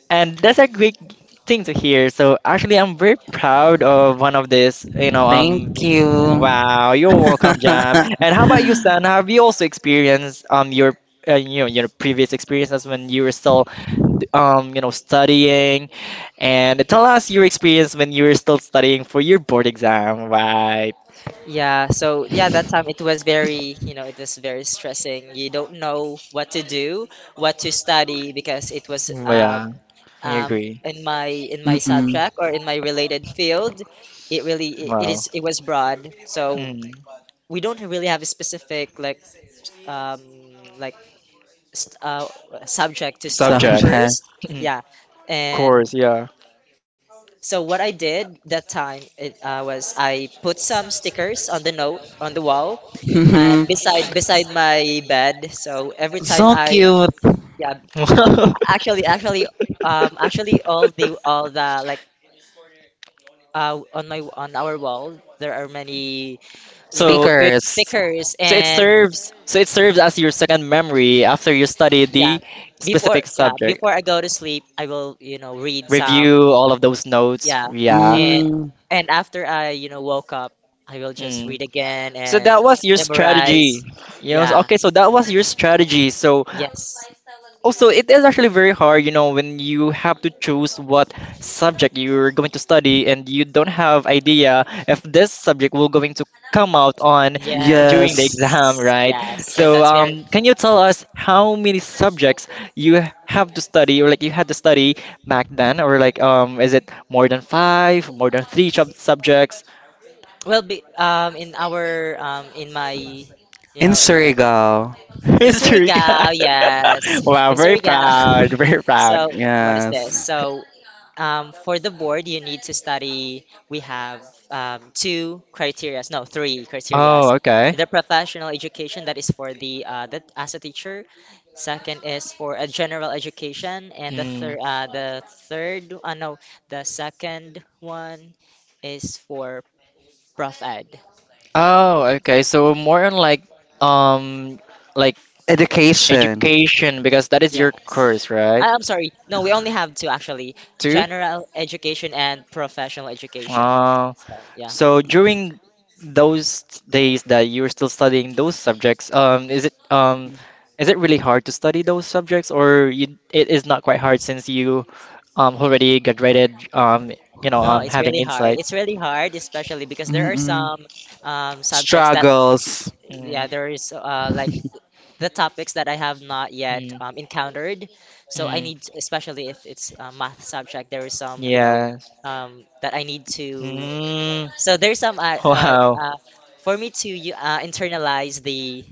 Speaker 1: And that's a great thing to hear. So actually, I'm very proud of one of this. You know,
Speaker 2: thank you.
Speaker 1: wow, you're welcome, Jam. And how about you, San? Have you also experienced your you know your previous experiences when you were still you know studying? And tell us your experience when you were still studying for your board exam, right?
Speaker 3: Yeah, so yeah, that time it was very stressing. You don't know what to do, what to study, because it was
Speaker 1: Yeah, I
Speaker 3: um,
Speaker 1: agree.
Speaker 3: in my
Speaker 2: Mm-mm.
Speaker 3: subject or in my related field. it really it, it
Speaker 1: Wow.
Speaker 3: is it was broad. So
Speaker 1: Mm.
Speaker 3: we don't really have a specific um, like st subject to study
Speaker 1: Subject.
Speaker 2: Subject.
Speaker 3: first.
Speaker 1: Mm.
Speaker 3: Yeah, and
Speaker 1: Course, yeah.
Speaker 3: so what I did that time it was I put some stickers on the note on the wall
Speaker 2: Hmm.
Speaker 3: and beside my bed. So every time I yeah actually actually actually all the on my on our wall there are many you know
Speaker 1: So it
Speaker 2: Stickers.
Speaker 3: stickers and
Speaker 1: so it serves as your second memory after you study
Speaker 3: yeah
Speaker 1: the
Speaker 3: before
Speaker 1: specific
Speaker 3: yeah
Speaker 1: subject.
Speaker 3: before I go to sleep, I will read some.
Speaker 1: Review all of those notes.
Speaker 3: Yeah.
Speaker 1: Yeah.
Speaker 3: And
Speaker 2: Mm,
Speaker 3: and after I woke up, I will just
Speaker 1: Mm.
Speaker 3: read again
Speaker 1: So
Speaker 3: and
Speaker 1: that was your
Speaker 3: memorize.
Speaker 1: strategy. You know,
Speaker 3: Yeah.
Speaker 1: okay, so that was your strategy. So
Speaker 3: Yes.
Speaker 1: also, it is actually very hard, you know, when you have to choose what subject you're going to study and you don't have idea if this subject will going to come out on during the
Speaker 2: yes.
Speaker 1: exam,
Speaker 3: Yes.
Speaker 1: right?
Speaker 3: Yes. So
Speaker 1: So,
Speaker 3: that's very
Speaker 1: can you tell us how many subjects you have to study or like you had to study back then or like is it more than five, more than three subjects?
Speaker 3: well. Be in our in my you
Speaker 2: In
Speaker 3: know
Speaker 2: Surigao.
Speaker 3: In
Speaker 1: History guy.
Speaker 3: Surigao, yes.
Speaker 1: Wow,
Speaker 3: In Surigao.
Speaker 1: very proud.
Speaker 3: So, what is this?
Speaker 2: Yes.
Speaker 3: So, for the board, you need to study. We have two criterias, no, three
Speaker 1: Oh,
Speaker 3: criterias.
Speaker 1: okay.
Speaker 3: The professional education, that is for the, that, as a teacher. Second is for a general education, and
Speaker 1: Mm.
Speaker 3: the third, no, the second one is for prof ed.
Speaker 1: Oh, okay. So more on like um like
Speaker 2: Education.
Speaker 1: education because that is your
Speaker 3: Yes.
Speaker 1: course, right?
Speaker 3: I'm sorry. No, we only have two actually:
Speaker 1: Too?
Speaker 3: general education and professional education.
Speaker 1: Uh,
Speaker 3: So yeah,
Speaker 1: so during those days that you're still studying those subjects, is it really hard to study those subjects or you, it is not quite hard since you already graduated
Speaker 3: no, it's
Speaker 1: having
Speaker 3: really hard. It's
Speaker 1: insights.
Speaker 3: really hard, especially because there are some subjects that,
Speaker 2: Struggles.
Speaker 3: yeah,
Speaker 1: Mm,
Speaker 3: there is, like the topics that I have not yet
Speaker 1: mm,
Speaker 3: encountered. So I
Speaker 1: mm,
Speaker 3: need, especially if it's a math subject, there is some, you know,
Speaker 1: yeah.
Speaker 3: um, that I need to.
Speaker 1: Mm,
Speaker 3: So there's some
Speaker 1: wow.
Speaker 3: for me to internalize the,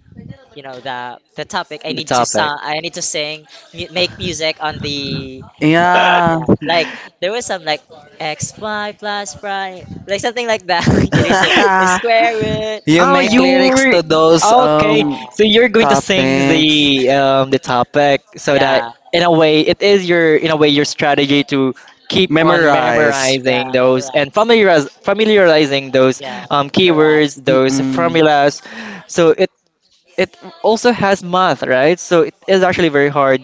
Speaker 3: the topic. I
Speaker 1: The
Speaker 3: need to
Speaker 1: topic.
Speaker 3: song, I need to sing, make music on the.
Speaker 2: Yeah.
Speaker 3: Yeah, like there was some, like, x y plus y, like something like that you need to the square root.
Speaker 2: You
Speaker 1: Oh,
Speaker 2: make
Speaker 3: Yeah,
Speaker 1: you
Speaker 2: lyrics
Speaker 1: were
Speaker 2: to those
Speaker 1: okay.
Speaker 3: yeah,
Speaker 1: So you're going to sing
Speaker 2: topics.
Speaker 1: the topic so that
Speaker 3: yeah,
Speaker 1: in a way it is your in a way your strategy to keep on
Speaker 2: Memorize.
Speaker 3: yeah,
Speaker 1: memorizing those and
Speaker 3: memorize.
Speaker 1: familiarizing those
Speaker 3: Yeah,
Speaker 1: keywords,
Speaker 3: correct.
Speaker 1: those
Speaker 2: Mm-mm.
Speaker 1: formulas. So it also has math, right? So it is actually very hard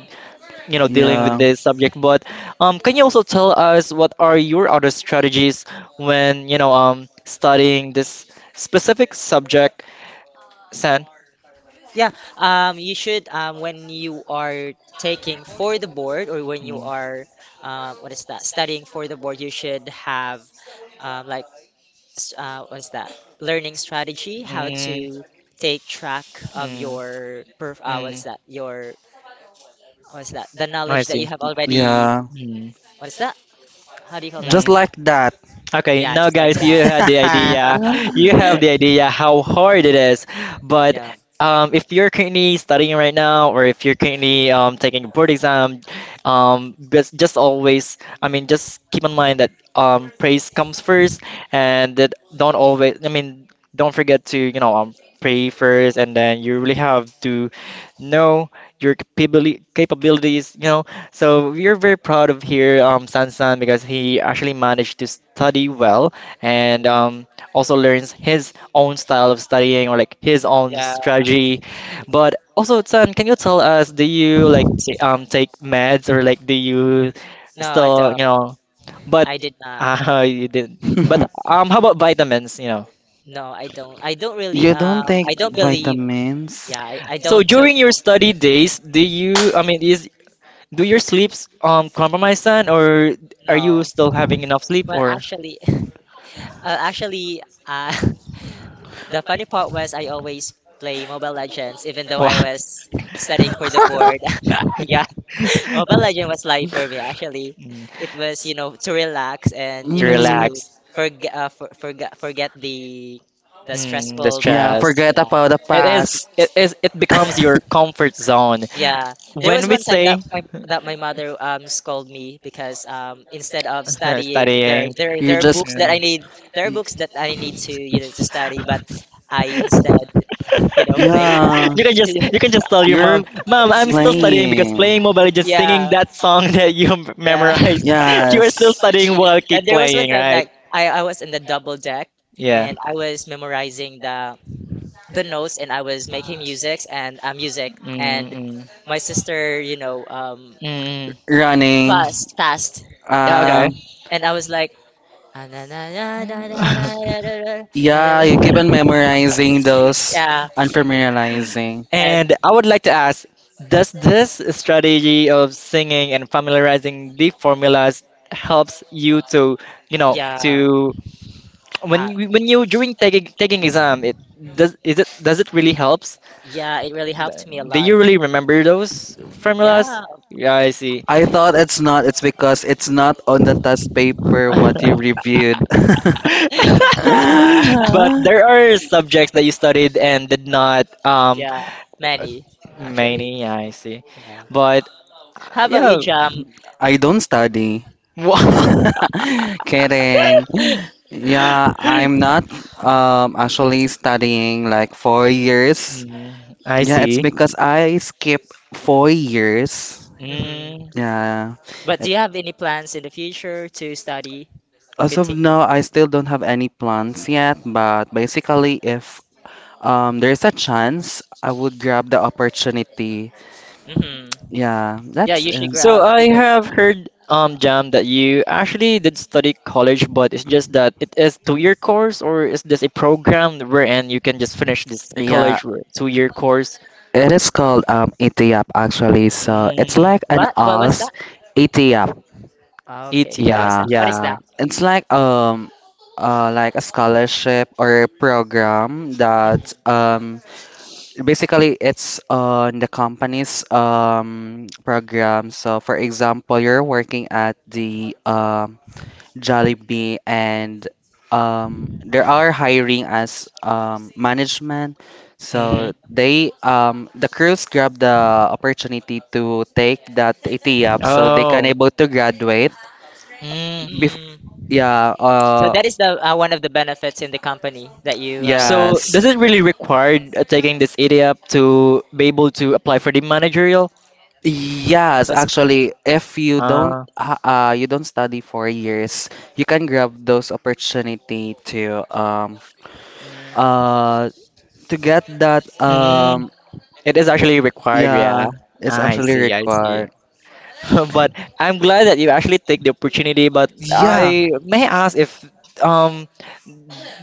Speaker 1: you know dealing with
Speaker 2: Yeah.
Speaker 1: this subject but can you also tell us what are your other strategies when you know studying this specific subject san
Speaker 3: Yeah, you should, when you are taking for the board, or when you
Speaker 1: mm,
Speaker 3: are, what is that, studying for the board, you should have, like, what's that, learning strategy how
Speaker 1: mm,
Speaker 3: to take track of
Speaker 1: mm,
Speaker 3: your perf what
Speaker 1: mm.
Speaker 3: is that, your, what's that, the
Speaker 1: I
Speaker 3: knowledge that you
Speaker 1: see
Speaker 3: have already,
Speaker 2: Yeah.
Speaker 1: mm,
Speaker 3: what is that, how do you call that.
Speaker 2: Just
Speaker 1: mm.
Speaker 2: like that.
Speaker 1: Okay,
Speaker 3: Yeah,
Speaker 1: now
Speaker 3: just like
Speaker 1: guys, you
Speaker 3: that.
Speaker 1: had the idea. You have the idea how hard it is. But
Speaker 3: Yeah,
Speaker 1: If you're currently studying right now, or if you're currently taking a board exam, just always, I mean, just keep in mind that praise comes first, and that don't always, I mean, don't forget to, pray first, and then you really have to know your capabilities, you know, so we're very proud of here, Sansan, because he actually managed to study well and also learns his own style of studying or like his own
Speaker 3: yeah.
Speaker 1: strategy. But also, San, can you tell us, do you like t take meds or like do you
Speaker 3: No, I
Speaker 1: still,
Speaker 3: don't,
Speaker 1: you know? But
Speaker 3: I did not.
Speaker 1: You did. Not But
Speaker 3: Yeah,
Speaker 1: um, how about vitamins, you know?
Speaker 3: no, I don't, I don't really,
Speaker 2: You don't take
Speaker 3: I don't believe.
Speaker 2: vitamins?
Speaker 3: Yeah, I
Speaker 1: So
Speaker 3: don't took.
Speaker 1: during your study days, do you, I mean, is do your sleeps compromise, San, or are you
Speaker 3: No.
Speaker 1: still having enough sleep
Speaker 3: Well,
Speaker 1: or?
Speaker 3: actually actually the funny part was I always play Mobile Legends even though
Speaker 1: Wow,
Speaker 3: I was studying for the
Speaker 1: dang
Speaker 3: board.
Speaker 1: it.
Speaker 3: Yeah. Mobile Legend was life for me actually.
Speaker 1: Mm,
Speaker 3: It was, you know, to relax and, you
Speaker 1: to
Speaker 3: know, to
Speaker 2: Hmm.
Speaker 1: relax,
Speaker 3: forget forget the
Speaker 1: mm, the
Speaker 3: stressful
Speaker 2: Yeah,
Speaker 1: stress.
Speaker 3: moments.
Speaker 2: forget
Speaker 3: Yeah.
Speaker 2: about the
Speaker 1: It is,
Speaker 2: past.
Speaker 1: it is, it becomes your comfort zone.
Speaker 3: Yeah, there
Speaker 1: When
Speaker 3: was
Speaker 1: we
Speaker 3: one time that
Speaker 1: say
Speaker 3: my that my mother scolded me because instead of studying, there
Speaker 1: studying.
Speaker 3: there
Speaker 2: You
Speaker 3: there are books
Speaker 2: just.
Speaker 3: that I need, there are books that I need to, you know, to study, but I instead you know, play.
Speaker 2: Yeah,
Speaker 1: You can just tell your
Speaker 2: you're
Speaker 1: mom, Mom, I'm still studying because
Speaker 2: playing.
Speaker 1: playing Mobile Legends, singing
Speaker 3: Yeah,
Speaker 1: that song that you
Speaker 3: yeah.
Speaker 1: memorized, you are still
Speaker 2: Yes,
Speaker 1: studying while
Speaker 3: And
Speaker 1: keep
Speaker 3: there was one
Speaker 1: playing,
Speaker 3: time
Speaker 1: right?
Speaker 3: like I was in the double deck,
Speaker 1: Yeah.
Speaker 3: and I was memorizing the notes, and I was making music and music. And
Speaker 1: Mm-mm.
Speaker 3: my sister, you know,
Speaker 1: Mm-mm.
Speaker 2: running.
Speaker 3: fast, fast.
Speaker 1: Yeah.
Speaker 3: And then,
Speaker 2: Uh,
Speaker 1: Okay.
Speaker 3: and I was like, "Ah, na, na, na, na, na, na, na, na, na, na,
Speaker 2: yeah, you keep
Speaker 3: na,
Speaker 2: on
Speaker 3: na."
Speaker 2: memorizing those
Speaker 3: Yeah,
Speaker 2: and familiarizing.
Speaker 3: and
Speaker 1: And I would like to ask, does this strategy of singing and familiarizing the formulas helps you to, you know,
Speaker 3: yeah,
Speaker 1: to when
Speaker 3: uh,
Speaker 1: you, when you during taking exam, it does is it does it really helps?
Speaker 3: yeah, it really helped me a
Speaker 1: Do
Speaker 3: lot.
Speaker 1: you really remember those formulas?
Speaker 3: Yeah,
Speaker 1: Yeah, I see.
Speaker 2: I thought it's not. It's because it's not on the test paper what you reviewed.
Speaker 3: yeah,
Speaker 1: But there are subjects that you studied and did not
Speaker 3: yeah, many actually.
Speaker 1: many, I see.
Speaker 3: Yeah.
Speaker 1: But uh,
Speaker 3: How about
Speaker 1: yeah,
Speaker 3: you, Jam?
Speaker 2: I don't study. Kidding. Yeah, I'm
Speaker 1: wow.
Speaker 2: not actually studying like 4 years.
Speaker 1: Mm, I
Speaker 2: Yeah, it's
Speaker 1: see.
Speaker 2: because I skipped 4 years.
Speaker 3: Hmm.
Speaker 1: Mm.
Speaker 2: Yeah.
Speaker 3: But do
Speaker 2: It-
Speaker 3: you have any plans in the future to study?
Speaker 2: as of
Speaker 3: Continue.
Speaker 2: now, I still don't have any plans yet, but basically, if there's a chance, I would grab the opportunity.
Speaker 3: Hmm.
Speaker 2: Yeah,
Speaker 3: Yeah,
Speaker 2: that's
Speaker 3: you should
Speaker 1: So
Speaker 3: grab
Speaker 1: I
Speaker 3: because
Speaker 1: have heard, Jam, that you actually did study college, but it's just that it is two-year course, or is this a program wherein you can just finish this
Speaker 2: yeah.
Speaker 1: college with two-year course?
Speaker 2: It is called ETIAP actually, so it's
Speaker 1: Mm,
Speaker 2: like an
Speaker 3: what? What was that?
Speaker 2: ALS. ETIAP.
Speaker 3: Okay. What
Speaker 1: ETF,
Speaker 3: was
Speaker 2: Yeah,
Speaker 3: that? What is
Speaker 1: yeah.
Speaker 3: that?
Speaker 2: it's like a scholarship or a program
Speaker 3: Mhm.
Speaker 2: that basically it's on the company's program. So for example, you're working at the Jollibee, and they are hiring as management.
Speaker 1: Yeah.
Speaker 3: Mhm.
Speaker 2: So
Speaker 1: Hmm.
Speaker 2: they the crews grab the opportunity to take that ATE up, so they can
Speaker 1: Oh.
Speaker 2: able to graduate.
Speaker 1: Mm.
Speaker 2: Bef-
Speaker 3: Mm.
Speaker 2: yeah,
Speaker 3: So
Speaker 2: uh,
Speaker 3: that is the one of the benefits in the company that you have
Speaker 1: So
Speaker 2: yes.
Speaker 1: does it really require taking this ETF to be able to apply for the managerial?
Speaker 2: Yes,
Speaker 3: position.
Speaker 2: actually, if you don't
Speaker 1: Uh,
Speaker 2: you don't study for years, you can grab those opportunity
Speaker 3: Mm.
Speaker 2: uh to get that
Speaker 1: mm, it is actually required, yeah.
Speaker 2: yeah, it's
Speaker 1: I
Speaker 2: actually
Speaker 1: see, I see.
Speaker 2: required.
Speaker 1: But I'm glad that you actually take the opportunity. But
Speaker 2: Yeah,
Speaker 1: I may ask if um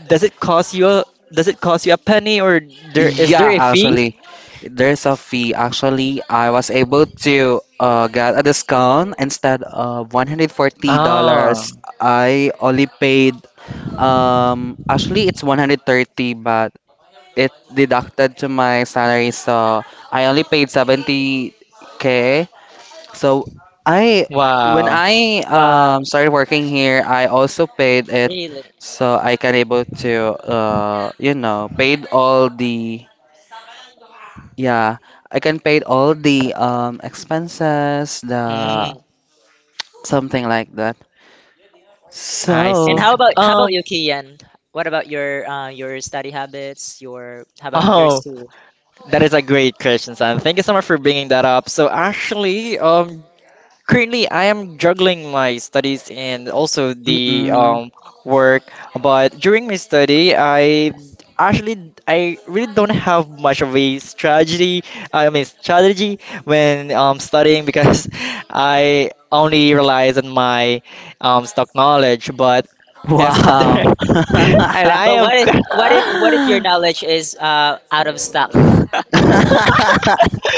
Speaker 1: does it cost you a, does it cost you a penny or there is there
Speaker 2: yeah,
Speaker 1: a fee?
Speaker 2: actually, there's a fee. Actually, I was able to get a discount instead of $140.
Speaker 1: Ah,
Speaker 2: I only paid actually it's 130, but it deducted to my salary, so I only paid 70k. So I, when
Speaker 1: wow.
Speaker 2: I
Speaker 3: Wow.
Speaker 2: started working here, I also paid it,
Speaker 3: Really?
Speaker 2: so I can able to, you know, paid all the, yeah, I can paid all the expenses, the
Speaker 1: Mm,
Speaker 3: Uh-huh.
Speaker 2: something like that.
Speaker 1: I see.
Speaker 3: And
Speaker 2: So.
Speaker 3: how about
Speaker 1: Um,
Speaker 3: you, Kian? What about your study habits? Your how about your
Speaker 1: oh,
Speaker 3: school?
Speaker 1: that is a great question, Sam. Thank you so much for bringing that up. So actually, currently, I am juggling my studies and also the
Speaker 2: Mm-mm.
Speaker 1: work. But during my study, I actually I really don't have much of a strategy. I mean strategy when studying because I only relies on my stock knowledge. But if
Speaker 2: Wow.
Speaker 1: and I
Speaker 3: But
Speaker 1: am
Speaker 3: what if what if your knowledge is out of stock?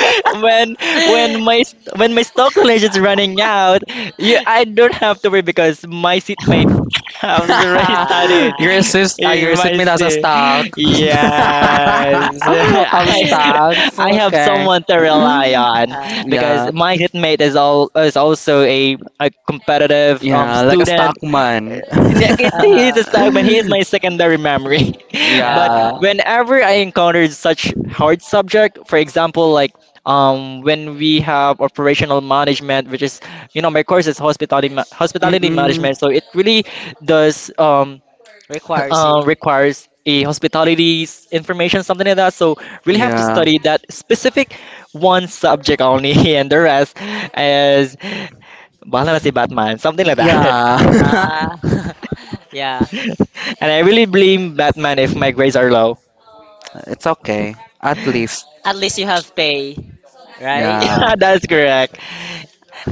Speaker 1: when when my when my stock knowledge is running out, you I don't have to worry because my seatmate has already started
Speaker 3: Ah.
Speaker 1: in
Speaker 2: your
Speaker 1: my
Speaker 2: seatmate has a
Speaker 1: seat.
Speaker 2: stock.
Speaker 1: Yes,
Speaker 2: Have
Speaker 1: I
Speaker 2: stocks.
Speaker 1: I have
Speaker 2: Okay.
Speaker 1: someone to rely on
Speaker 3: Uh,
Speaker 1: because
Speaker 2: Yeah.
Speaker 1: my seatmate is also a competitive
Speaker 2: Yeah, like a
Speaker 1: student
Speaker 2: stockman.
Speaker 1: and again, he is
Speaker 3: uh-huh.
Speaker 1: a stagman. He is my secondary memory. But
Speaker 2: yeah.
Speaker 3: Uh,
Speaker 1: whenever I encountered such hard subject, for example, like when we have operational management, which is, you know, my course is hospitality hospitality
Speaker 2: Mm-mm.
Speaker 1: management, so it really does
Speaker 3: requires you.
Speaker 1: requires a hospitality information, something like that. So really have to
Speaker 2: Yeah.
Speaker 1: study that specific one subject only, and the rest is bahala na si
Speaker 3: Mhm.
Speaker 1: Batman, something like that.
Speaker 2: Yeah,
Speaker 3: Ah, yeah.
Speaker 1: And I really blame Batman if my grades are low.
Speaker 2: it's okay. At
Speaker 1: Yeah,
Speaker 2: least,
Speaker 3: At least you have pay, right?
Speaker 2: yeah.
Speaker 1: that's correct.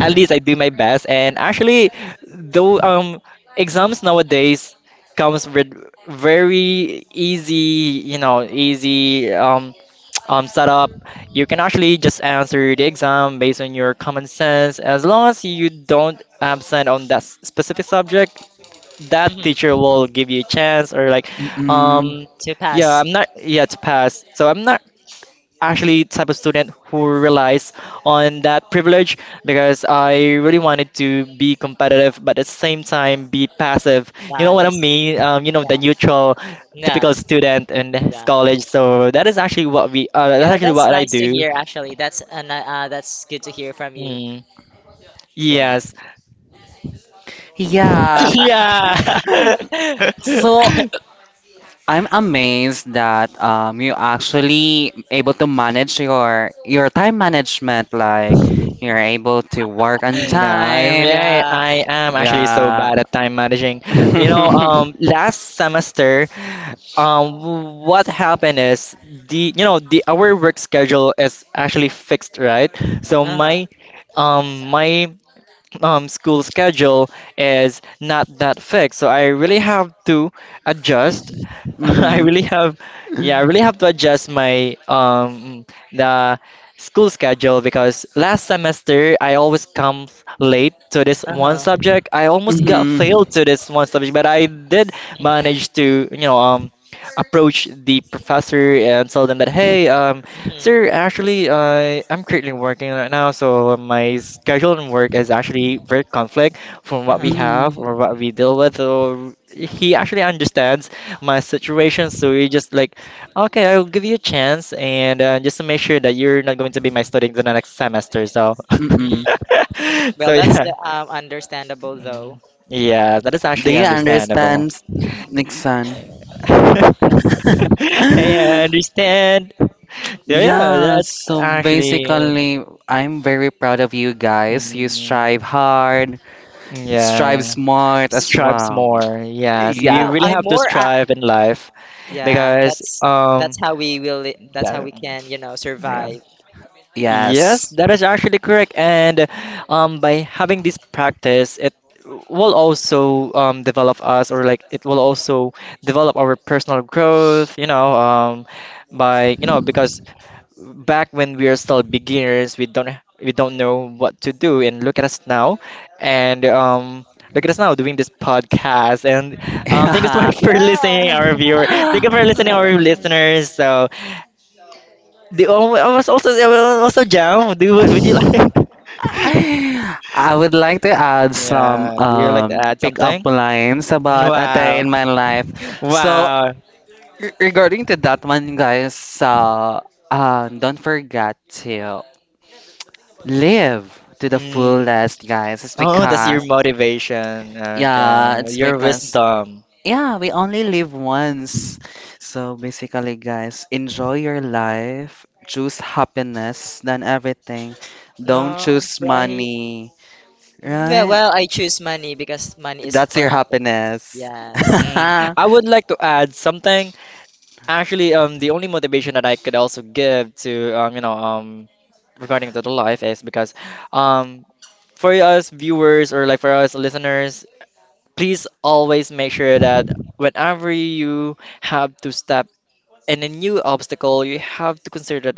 Speaker 1: At least I do my best. And actually, though exams nowadays comes with very easy, you know, easy setup. You can actually just answer the exam based on your common sense. As long as you don't absent on that specific subject, that teacher
Speaker 3: Mhm.
Speaker 1: will give you a chance or like
Speaker 2: Mm-mm.
Speaker 1: um
Speaker 3: To
Speaker 1: yeah,
Speaker 3: pass.
Speaker 1: I'm not yet to pass. So I'm not actually type of student who relies on that privilege because I really wanted to be competitive, but at the same time be passive. You know what I
Speaker 3: Nice.
Speaker 1: mean? You know the
Speaker 3: Yeah.
Speaker 1: neutral,
Speaker 3: Yeah.
Speaker 1: typical student in this
Speaker 3: Yeah.
Speaker 1: college. So that is actually what we. That's
Speaker 3: Yeah,
Speaker 1: actually
Speaker 3: that's
Speaker 1: what I
Speaker 3: nice to
Speaker 1: do.
Speaker 3: hear actually. That's that's good to hear from you.
Speaker 1: Mm,
Speaker 3: Yeah.
Speaker 1: yes.
Speaker 2: Yeah.
Speaker 1: Yeah.
Speaker 2: So I'm amazed that you actually able to manage your time management. Like you're able to work on
Speaker 1: No, I mean,
Speaker 2: time.
Speaker 1: I,
Speaker 3: Yeah.
Speaker 1: I am actually so
Speaker 2: Yeah.
Speaker 1: bad at time managing. You know,
Speaker 2: mhm.
Speaker 1: last semester, what happened is the you know the our work schedule is actually fixed, right? So
Speaker 3: Uh-huh.
Speaker 1: my um my school schedule is not that fixed. So I really have to adjust. I really have, yeah, I really have to adjust my the school schedule because last semester I always come late to this one
Speaker 3: Uh-huh.
Speaker 1: subject. I almost got
Speaker 2: Mhm.
Speaker 1: failed to this one subject, but I did manage
Speaker 3: Mm-hmm.
Speaker 1: to, you know, approach the professor and tell them that hey, Sir,
Speaker 3: Hmm.
Speaker 1: actually, I'm currently working right now, so my schedule and work is actually very conflict from what we
Speaker 3: Uh-huh.
Speaker 1: have
Speaker 2: Mhm.
Speaker 1: or what we deal with. So he actually understands my situation, so he just like, okay, I'll give you a chance, and just to make sure that you're not going to be my student in the next semester. So,
Speaker 3: Hmm.
Speaker 2: Mm-mm.
Speaker 1: so
Speaker 3: Well, that's
Speaker 1: yeah,
Speaker 3: the understandable
Speaker 1: mm.
Speaker 3: though.
Speaker 1: Yeah, that is actually
Speaker 2: They
Speaker 1: understandable.
Speaker 2: understand Nixon.
Speaker 3: Yeah.
Speaker 1: Hey, I understand. Yeah, yeah,
Speaker 2: Yeah,
Speaker 1: that's
Speaker 2: so
Speaker 1: actually.
Speaker 2: basically, I'm very proud of you guys. You strive
Speaker 1: Mm,
Speaker 2: hard, strive
Speaker 1: yeah,
Speaker 2: smart as
Speaker 1: strives
Speaker 2: well.
Speaker 1: more. Yes, you
Speaker 2: Yeah,
Speaker 3: Well,
Speaker 1: really
Speaker 3: I'm
Speaker 1: have to
Speaker 3: more at,
Speaker 1: strive in life
Speaker 3: yeah,
Speaker 1: because
Speaker 3: that's how we will that's how
Speaker 1: that,
Speaker 3: we can, you know,
Speaker 1: yeah.
Speaker 3: survive.
Speaker 1: Yes,
Speaker 2: yes.
Speaker 1: that is actually correct. And by having this practice, it will also develop us or like it will also develop our personal growth, you know, by you know because back when we are still beginners, we don't know what to do, and look at us now, and look at us now doing this podcast. And thank you so
Speaker 2: I
Speaker 1: much for listening,
Speaker 3: Yeah.
Speaker 1: our viewer. Thank you for listening, our listeners. So the oh, I will also Jam. Do would you like?
Speaker 2: would like to add some
Speaker 1: Yeah. Do you like to add
Speaker 2: pick
Speaker 1: something?
Speaker 2: up lines about a day
Speaker 1: Wow.
Speaker 2: in my life. So,
Speaker 1: Wow.
Speaker 2: regarding to that one, guys, uh, don't forget to live to the
Speaker 1: Mm.
Speaker 2: fullest, guys.
Speaker 1: Oh, that's your
Speaker 3: Uh-huh.
Speaker 1: motivation. Okay.
Speaker 2: It's
Speaker 1: Your
Speaker 2: because,
Speaker 1: wisdom.
Speaker 2: yeah, we only live once. So basically, guys, enjoy your life, choose happiness than everything. Don't
Speaker 3: No,
Speaker 2: choose
Speaker 3: right.
Speaker 2: money,
Speaker 3: Well,
Speaker 2: right?
Speaker 3: well, I choose money because money is
Speaker 2: That's
Speaker 3: for
Speaker 2: your
Speaker 3: happiness.
Speaker 2: happiness.
Speaker 3: Yes.
Speaker 1: Mm. I would like to add something. Actually, the only motivation that I could also give to regarding to the life is because, um, for us viewers or like for us listeners, please always make sure that whenever you have to step in a new obstacle, you have to consider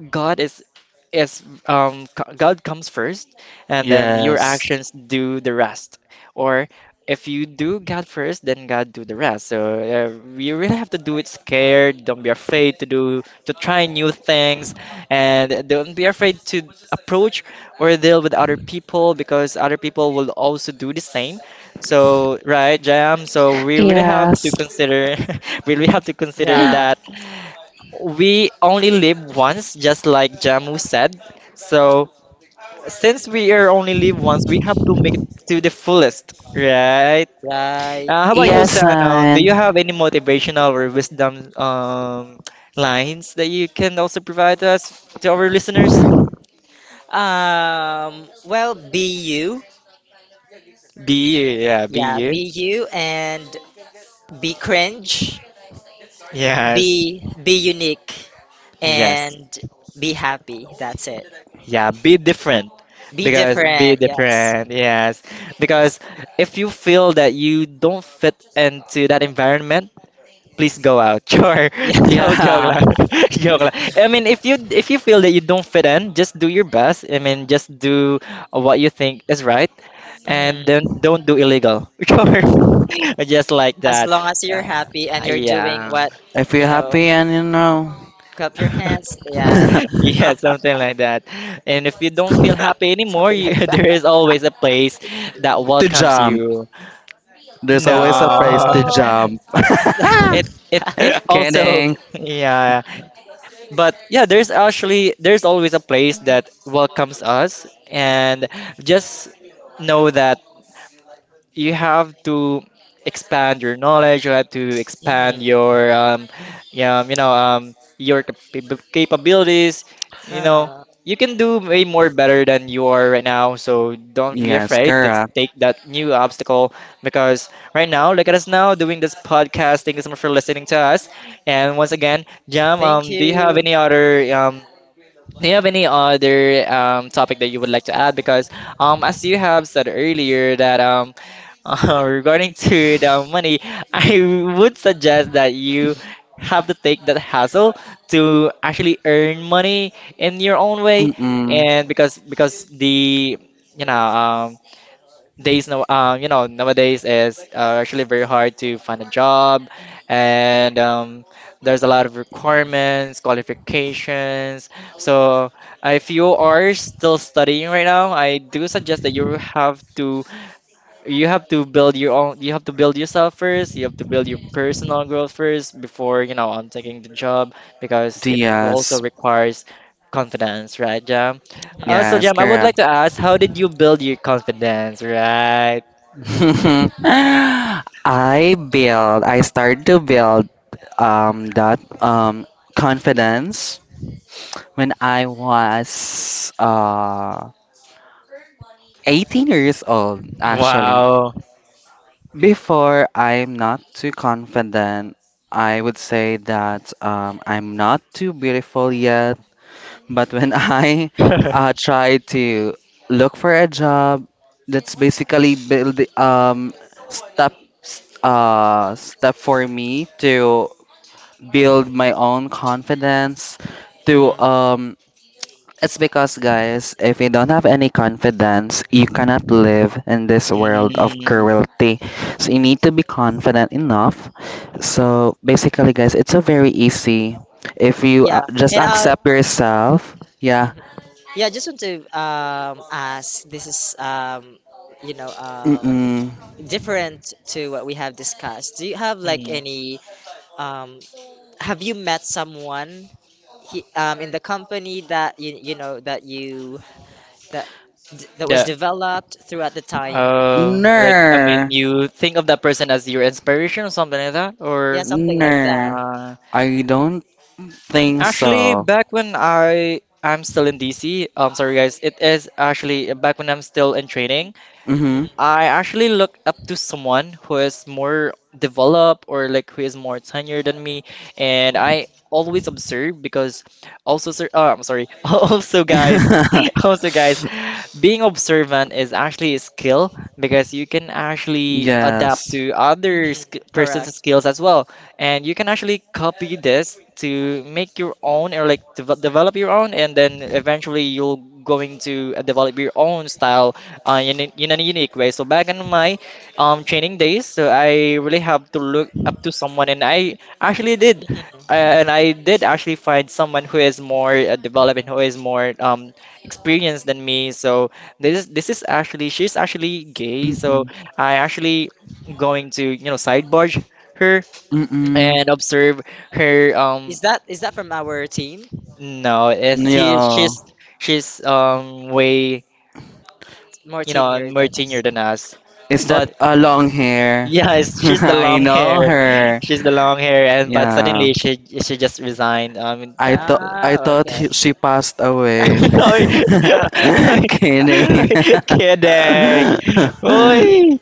Speaker 1: God is c- God comes first and then your
Speaker 2: Yes.
Speaker 1: actions do the rest or if you do God first then God do the rest so you really have to do it scared, don't be afraid to do to try new things and don't be afraid to approach or deal with other people because other people will also do the same so right Jam so we really have to
Speaker 2: Yes.
Speaker 1: consider we really have to consider
Speaker 3: Yeah.
Speaker 1: that we only live once, just like Jamu said. So since we are only live once, we have to make it to the fullest, right?
Speaker 3: Right.
Speaker 1: How about you,
Speaker 2: Yes,
Speaker 1: Sanong? Do you
Speaker 2: son.
Speaker 1: have any motivational or wisdom lines that you can also provide to us, to our listeners?
Speaker 3: Well, be you.
Speaker 1: Be you, yeah, be
Speaker 3: Yeah,
Speaker 1: you.
Speaker 3: be you and be cringe.
Speaker 1: Yes,
Speaker 3: Be unique
Speaker 1: yes,
Speaker 3: and be happy. That's it.
Speaker 1: yeah, be different.
Speaker 3: Be
Speaker 1: Because be
Speaker 3: different. Yes.
Speaker 1: different, yes.
Speaker 3: Yes.
Speaker 1: Because if you feel that you don't fit into that environment, please go out. Sure.
Speaker 3: Yeah.
Speaker 1: Joke, joke
Speaker 2: Yeah.
Speaker 1: lang. Joke lang. I mean, if you feel that you don't fit in, just do your best. I mean, just do what you think is right, and then
Speaker 3: Mm.
Speaker 1: don't do illegal. Sure. Just like
Speaker 3: As
Speaker 1: that.
Speaker 3: long as you're happy and
Speaker 1: Uh,
Speaker 3: you're doing
Speaker 1: yeah.
Speaker 3: what,
Speaker 2: If
Speaker 3: you
Speaker 2: you're
Speaker 3: know,
Speaker 2: happy and you know,
Speaker 3: clap your hands. Yeah.
Speaker 1: Yeah,
Speaker 3: Something
Speaker 1: something like that. And if you don't feel happy anymore, you,
Speaker 3: like that.
Speaker 1: there is always a place that
Speaker 2: to
Speaker 1: welcomes
Speaker 2: jump.
Speaker 1: you.
Speaker 2: There's always a price
Speaker 1: No.
Speaker 2: to
Speaker 3: No.
Speaker 2: jump.
Speaker 1: It it it also.
Speaker 2: Kidding.
Speaker 1: Yeah, but yeah, there's actually there's always a place that welcomes us and just know that you have to expand your knowledge. You have to expand
Speaker 3: Mhm.
Speaker 1: your your capabilities. You know,
Speaker 3: Ah,
Speaker 1: you can do way more better than you are right now. So don't be
Speaker 2: Yes,
Speaker 1: afraid to
Speaker 2: correct.
Speaker 1: take that new obstacle because right now, look at us now doing this podcast. Thank you so much for listening to us. And once again, Jam,
Speaker 3: thank
Speaker 1: do you have
Speaker 3: you.
Speaker 1: any other um? Do you have any other topic that you would like to add? Because as you have said earlier that regarding to the money, I would suggest that you have to take that hassle to actually earn money in your own way,
Speaker 2: Mm-mm.
Speaker 1: and because the you know days now you know nowadays is actually very hard to find a job, and there's a lot of requirements, qualifications. So if you are
Speaker 3: Mhm,
Speaker 1: still studying right now, I do suggest that you have to build your own you have to build yourself first. You have to build your personal growth first before on taking the job, because it also
Speaker 2: Yes.
Speaker 1: requires confidence, right, Jam? So,
Speaker 3: mhm,
Speaker 2: Yes,
Speaker 1: Jam, I would
Speaker 2: correct.
Speaker 1: like to ask, how did you build your confidence, right?
Speaker 2: I started to build that confidence when I was 18 years old, actually.
Speaker 1: Wow.
Speaker 2: Before, I'm not too confident. I would say that I'm not too beautiful yet. But when I try to look for a job, that's basically build step for me to build my own confidence to
Speaker 3: mhm.
Speaker 2: it's because guys if you don't have any confidence you cannot live in this world of
Speaker 1: Mm,
Speaker 2: cruelty, so you need to be confident enough. So basically guys it's a very easy if you,
Speaker 3: Yeah.
Speaker 2: just
Speaker 3: And
Speaker 2: accept yourself. Yeah.
Speaker 3: mhm. Yeah, I just want to ask, this is you know
Speaker 2: Mm-mm.
Speaker 3: different to what we have discussed. Do you have like
Speaker 1: mm.
Speaker 3: any um have you met someone he, in the company that you know, that you that that was
Speaker 1: Yeah.
Speaker 3: developed throughout the time?
Speaker 1: Like, I mean,
Speaker 2: Ner.
Speaker 1: you think of that person as your inspiration or something like that,
Speaker 3: Yeah,
Speaker 1: or
Speaker 3: something like that.
Speaker 2: Ner.
Speaker 1: uh,
Speaker 2: I don't think
Speaker 1: actually,
Speaker 2: so.
Speaker 1: back when I'm still in DC, I'm sorry guys, it is actually back when I'm still in training.
Speaker 2: Mm-hmm.
Speaker 3: Mhm,
Speaker 1: I actually look up to someone who is more developed, or like who is more tenured than me, and
Speaker 3: mhm,
Speaker 1: I always observe, because also sir, oh, I'm sorry, also guys, being observant is actually a skill, because you can actually adapt
Speaker 2: Yes.
Speaker 1: to other
Speaker 3: mhm.
Speaker 1: sk person's
Speaker 3: Correct.
Speaker 1: skills as well, and you can actually copy this to make your own, or like develop your own, and then eventually you'll going to develop your own style in, in a unique way. So back in my training days, so I really have to look up to someone, and I actually did. uh,
Speaker 3: Mhm,
Speaker 1: and I did actually find someone who is more developed and who is more experienced than me. So this is actually, she's actually gay, so
Speaker 2: Mm-mm.
Speaker 1: I actually going to sidebar her
Speaker 2: Mm-mm.
Speaker 1: and
Speaker 3: mhm.
Speaker 1: observe her.
Speaker 3: Is that from our team?
Speaker 1: No, it's he
Speaker 2: No.
Speaker 1: she's, way
Speaker 3: More senior
Speaker 1: more
Speaker 3: than
Speaker 1: senior
Speaker 3: us.
Speaker 1: than us.
Speaker 2: Is
Speaker 1: But
Speaker 2: that
Speaker 3: Okay.
Speaker 2: a long hair?
Speaker 1: yeah, it's, she's the
Speaker 2: I
Speaker 1: long
Speaker 2: know
Speaker 1: hair.
Speaker 2: her.
Speaker 1: She's the long hair, and but
Speaker 2: Yeah.
Speaker 1: suddenly she just resigned. I mean that.
Speaker 2: I
Speaker 3: Ah,
Speaker 2: thought
Speaker 3: okay.
Speaker 2: she passed away.
Speaker 1: Oy, oy,
Speaker 2: Kidding.
Speaker 1: oy, kidding. Oy.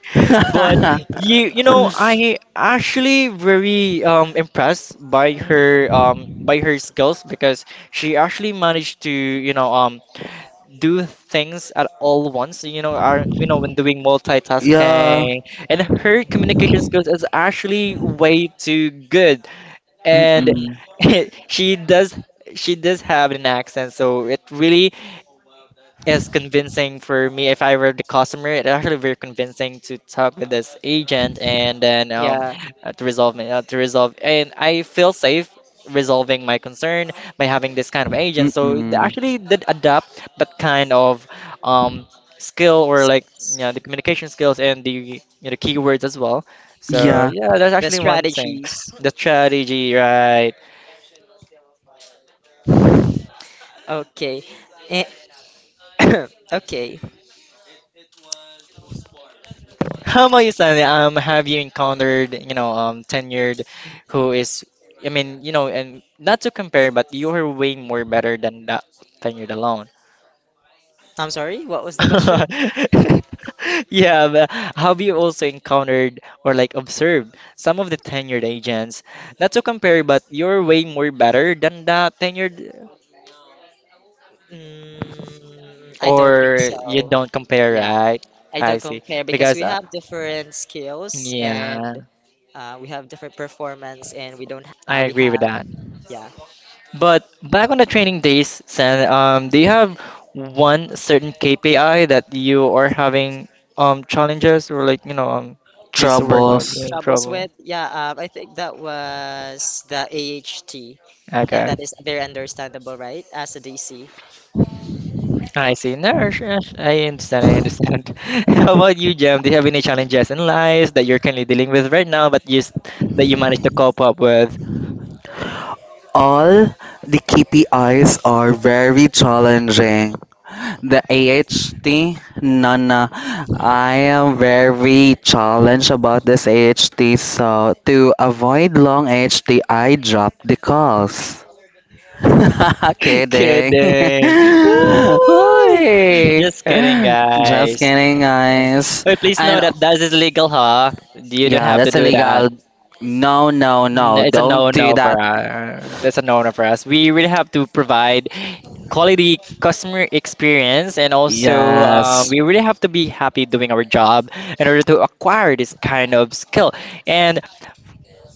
Speaker 1: But I actually very impressed by her,
Speaker 3: Mhm,
Speaker 1: skills, because she actually managed to do things at all once, you know, when doing
Speaker 2: yeah.
Speaker 1: multitasking. And her
Speaker 3: mhm,
Speaker 1: communication skills is actually way too good. And
Speaker 3: mhm.
Speaker 2: Mm-mm.
Speaker 1: she does she does have an accent, so it really is convincing for me if I were the customer. It's actually very convincing to talk with this agent, and then
Speaker 3: Yeah.
Speaker 1: to resolve to resolve, and I feel safe resolving my concern by having this kind of agent. So they
Speaker 2: Mm-mm.
Speaker 1: actually did adapt that kind of um skill, or like the communication skills and the, keywords as well. So
Speaker 3: Mhm.
Speaker 2: Yeah,
Speaker 1: yeah, that's
Speaker 3: The
Speaker 1: actually one thing.
Speaker 3: strategies.
Speaker 1: The strategy, right?
Speaker 3: Okay. A- Okay.
Speaker 1: How about you, Stanley? Have you encountered, tenured who is, I mean, and not to compare, but you are way more better than that tenured alone.
Speaker 3: I'm sorry, what was the question?
Speaker 1: Yeah, but have you also encountered, or like observed some of the tenured agents? Not to compare, but you're way more better than that tenured,
Speaker 3: Mm, I
Speaker 1: or
Speaker 3: don't think
Speaker 1: you
Speaker 3: so.
Speaker 1: don't compare,
Speaker 3: Yeah.
Speaker 1: right?
Speaker 3: I
Speaker 1: I
Speaker 3: don't
Speaker 1: see.
Speaker 3: compare because
Speaker 1: Because,
Speaker 3: we have different skills
Speaker 1: yeah,
Speaker 3: and we have different performance, and we don't
Speaker 1: I
Speaker 3: we
Speaker 1: agree with
Speaker 3: have,
Speaker 1: that.
Speaker 3: yeah,
Speaker 1: But back on the training days, Sen, do you have one certain KPI that you are having challenges, or like needs to work out, you're
Speaker 2: troubles.
Speaker 1: in
Speaker 3: troubles
Speaker 1: trouble?
Speaker 3: with, yeah, I think that was the AHT, and
Speaker 1: Okay,
Speaker 3: that is very understandable, right, as a DC.
Speaker 1: I see. No, sure, sure, I understand. I understand. How about you, Jam? Do you have any challenges in life that you're currently dealing with right now, but just that you managed to cope up with?
Speaker 2: All the KPIs are very challenging. The AHT, no, no. I am very challenged about this AHT, so to avoid long AHT, I drop the calls. Kidding.
Speaker 1: Kidding. Woo!
Speaker 2: Oy.
Speaker 1: Just kidding,
Speaker 2: Just
Speaker 1: guys.
Speaker 2: kidding,
Speaker 1: Eh,
Speaker 2: guys.
Speaker 1: wait, please know
Speaker 2: And
Speaker 1: that that is illegal, huh? You don't
Speaker 2: yeah,
Speaker 1: have to
Speaker 2: that's
Speaker 1: do that.
Speaker 2: illegal. No, no, no.
Speaker 1: It's a
Speaker 2: Don't do
Speaker 1: no-no for
Speaker 2: that.
Speaker 1: us. That's a no-no for us. We really have to provide quality customer experience, and also
Speaker 2: Yes,
Speaker 1: we really have to be happy doing our job in order to acquire this kind of skill. And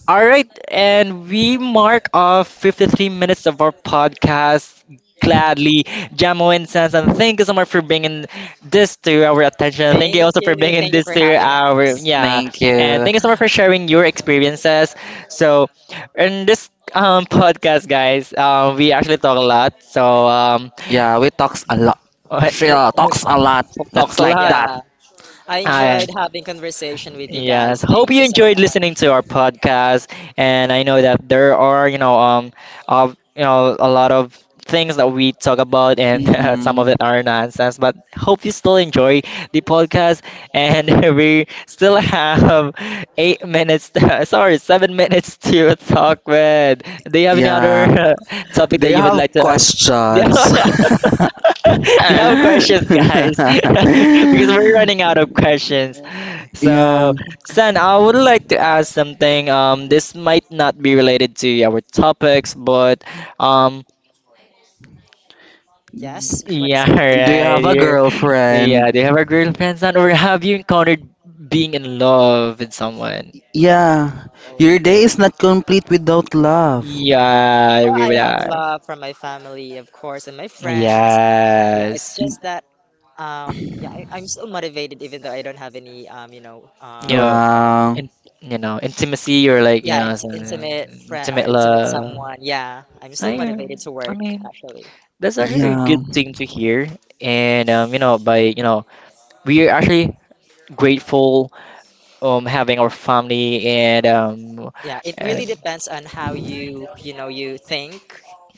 Speaker 1: all right, and we mark off 53 minutes of our podcast gladly. Jamo and Sansan, thank you so much for bringing this to our attention. Thank you
Speaker 3: Thank
Speaker 1: also for
Speaker 3: you.
Speaker 1: bringing
Speaker 3: Thank you
Speaker 1: this
Speaker 3: for
Speaker 1: to
Speaker 3: having
Speaker 1: our,
Speaker 3: us.
Speaker 1: yeah,
Speaker 2: thank
Speaker 1: and
Speaker 2: you.
Speaker 1: thank you so much for sharing your experiences. So, in this podcast, guys, we actually talk a lot. So,
Speaker 2: Yeah, we talks a lot. She talks a lot.
Speaker 1: talks
Speaker 2: That's
Speaker 1: a
Speaker 2: like
Speaker 1: lot.
Speaker 2: that.
Speaker 3: Yeah. I enjoyed having conversation with you
Speaker 1: Yes.
Speaker 3: guys.
Speaker 1: Hope
Speaker 3: Thank
Speaker 1: you
Speaker 3: you so
Speaker 1: enjoyed
Speaker 3: much.
Speaker 1: listening to our podcast, and I know that there are, of a lot of things that we talk about, and some of
Speaker 2: Mm-mm.
Speaker 1: it are nonsense. But hope you still enjoy the podcast, and we still have 8 minutes, sorry, 7 minutes to talk with. Do you have any
Speaker 2: Yeah,
Speaker 1: other topic that
Speaker 2: they
Speaker 1: you would
Speaker 2: have
Speaker 3: Mhm.
Speaker 1: like to? Yeah.
Speaker 2: questions.
Speaker 1: Do you have questions, guys? Because we're running out of questions. So,
Speaker 2: yeah.
Speaker 1: San, I would like to ask something. This might not be related to our topics, but um,
Speaker 3: Yes, what is
Speaker 1: yeah,
Speaker 3: it?
Speaker 2: Do you
Speaker 1: right.
Speaker 2: have a
Speaker 1: Yeah,
Speaker 2: girlfriend?
Speaker 1: do you have a girlfriend, San, or have you encountered being in love with someone?
Speaker 2: Yeah.
Speaker 3: No.
Speaker 2: Your day is not complete without love.
Speaker 1: Yeah, I
Speaker 3: Well,
Speaker 1: agree
Speaker 3: I
Speaker 1: with
Speaker 3: have
Speaker 1: that.
Speaker 3: love from my family, of course, and my friends. Yeah, it's
Speaker 1: Yes.
Speaker 3: just that yeah, I'm still motivated even though I don't have any you know,
Speaker 1: You know,
Speaker 2: Wow.
Speaker 1: in, intimacy, or like,
Speaker 3: yeah,
Speaker 1: some
Speaker 3: intimate friend or
Speaker 1: intimate
Speaker 3: intimate
Speaker 1: love.
Speaker 3: someone. Yeah, I'm still
Speaker 1: I, um,
Speaker 3: motivated to
Speaker 1: I
Speaker 3: work
Speaker 1: mean,
Speaker 3: actually.
Speaker 1: that's actually a
Speaker 2: Yeah.
Speaker 1: good thing to hear. And by we are actually grateful having our family, and
Speaker 3: Yeah, it
Speaker 1: and
Speaker 3: really depends on how you, you know, you think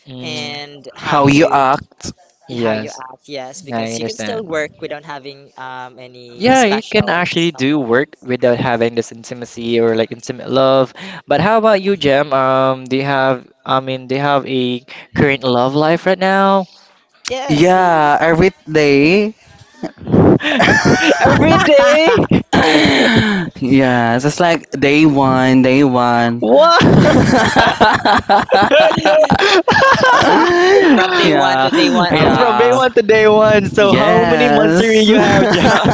Speaker 1: mm,
Speaker 3: and
Speaker 2: How you
Speaker 1: mm,
Speaker 2: act?
Speaker 3: how you
Speaker 1: yes.
Speaker 3: act. Yes,
Speaker 1: I
Speaker 3: because you can still
Speaker 1: understand.
Speaker 3: work without having any
Speaker 1: Yeah, you can
Speaker 3: special
Speaker 1: actually do
Speaker 3: someone.
Speaker 1: work without having this intimacy, or like intimate love. But how about you, Jem, do you have a current love life right now?
Speaker 3: Yes, he.
Speaker 2: Yeah, every day
Speaker 1: Every day.
Speaker 2: yes, it's like day one, day one.
Speaker 1: What?
Speaker 3: From day one to
Speaker 2: yeah,
Speaker 3: day one
Speaker 1: From day
Speaker 2: yeah,
Speaker 3: always,
Speaker 1: one to day one. So how many months do
Speaker 2: yes.
Speaker 1: you have, John?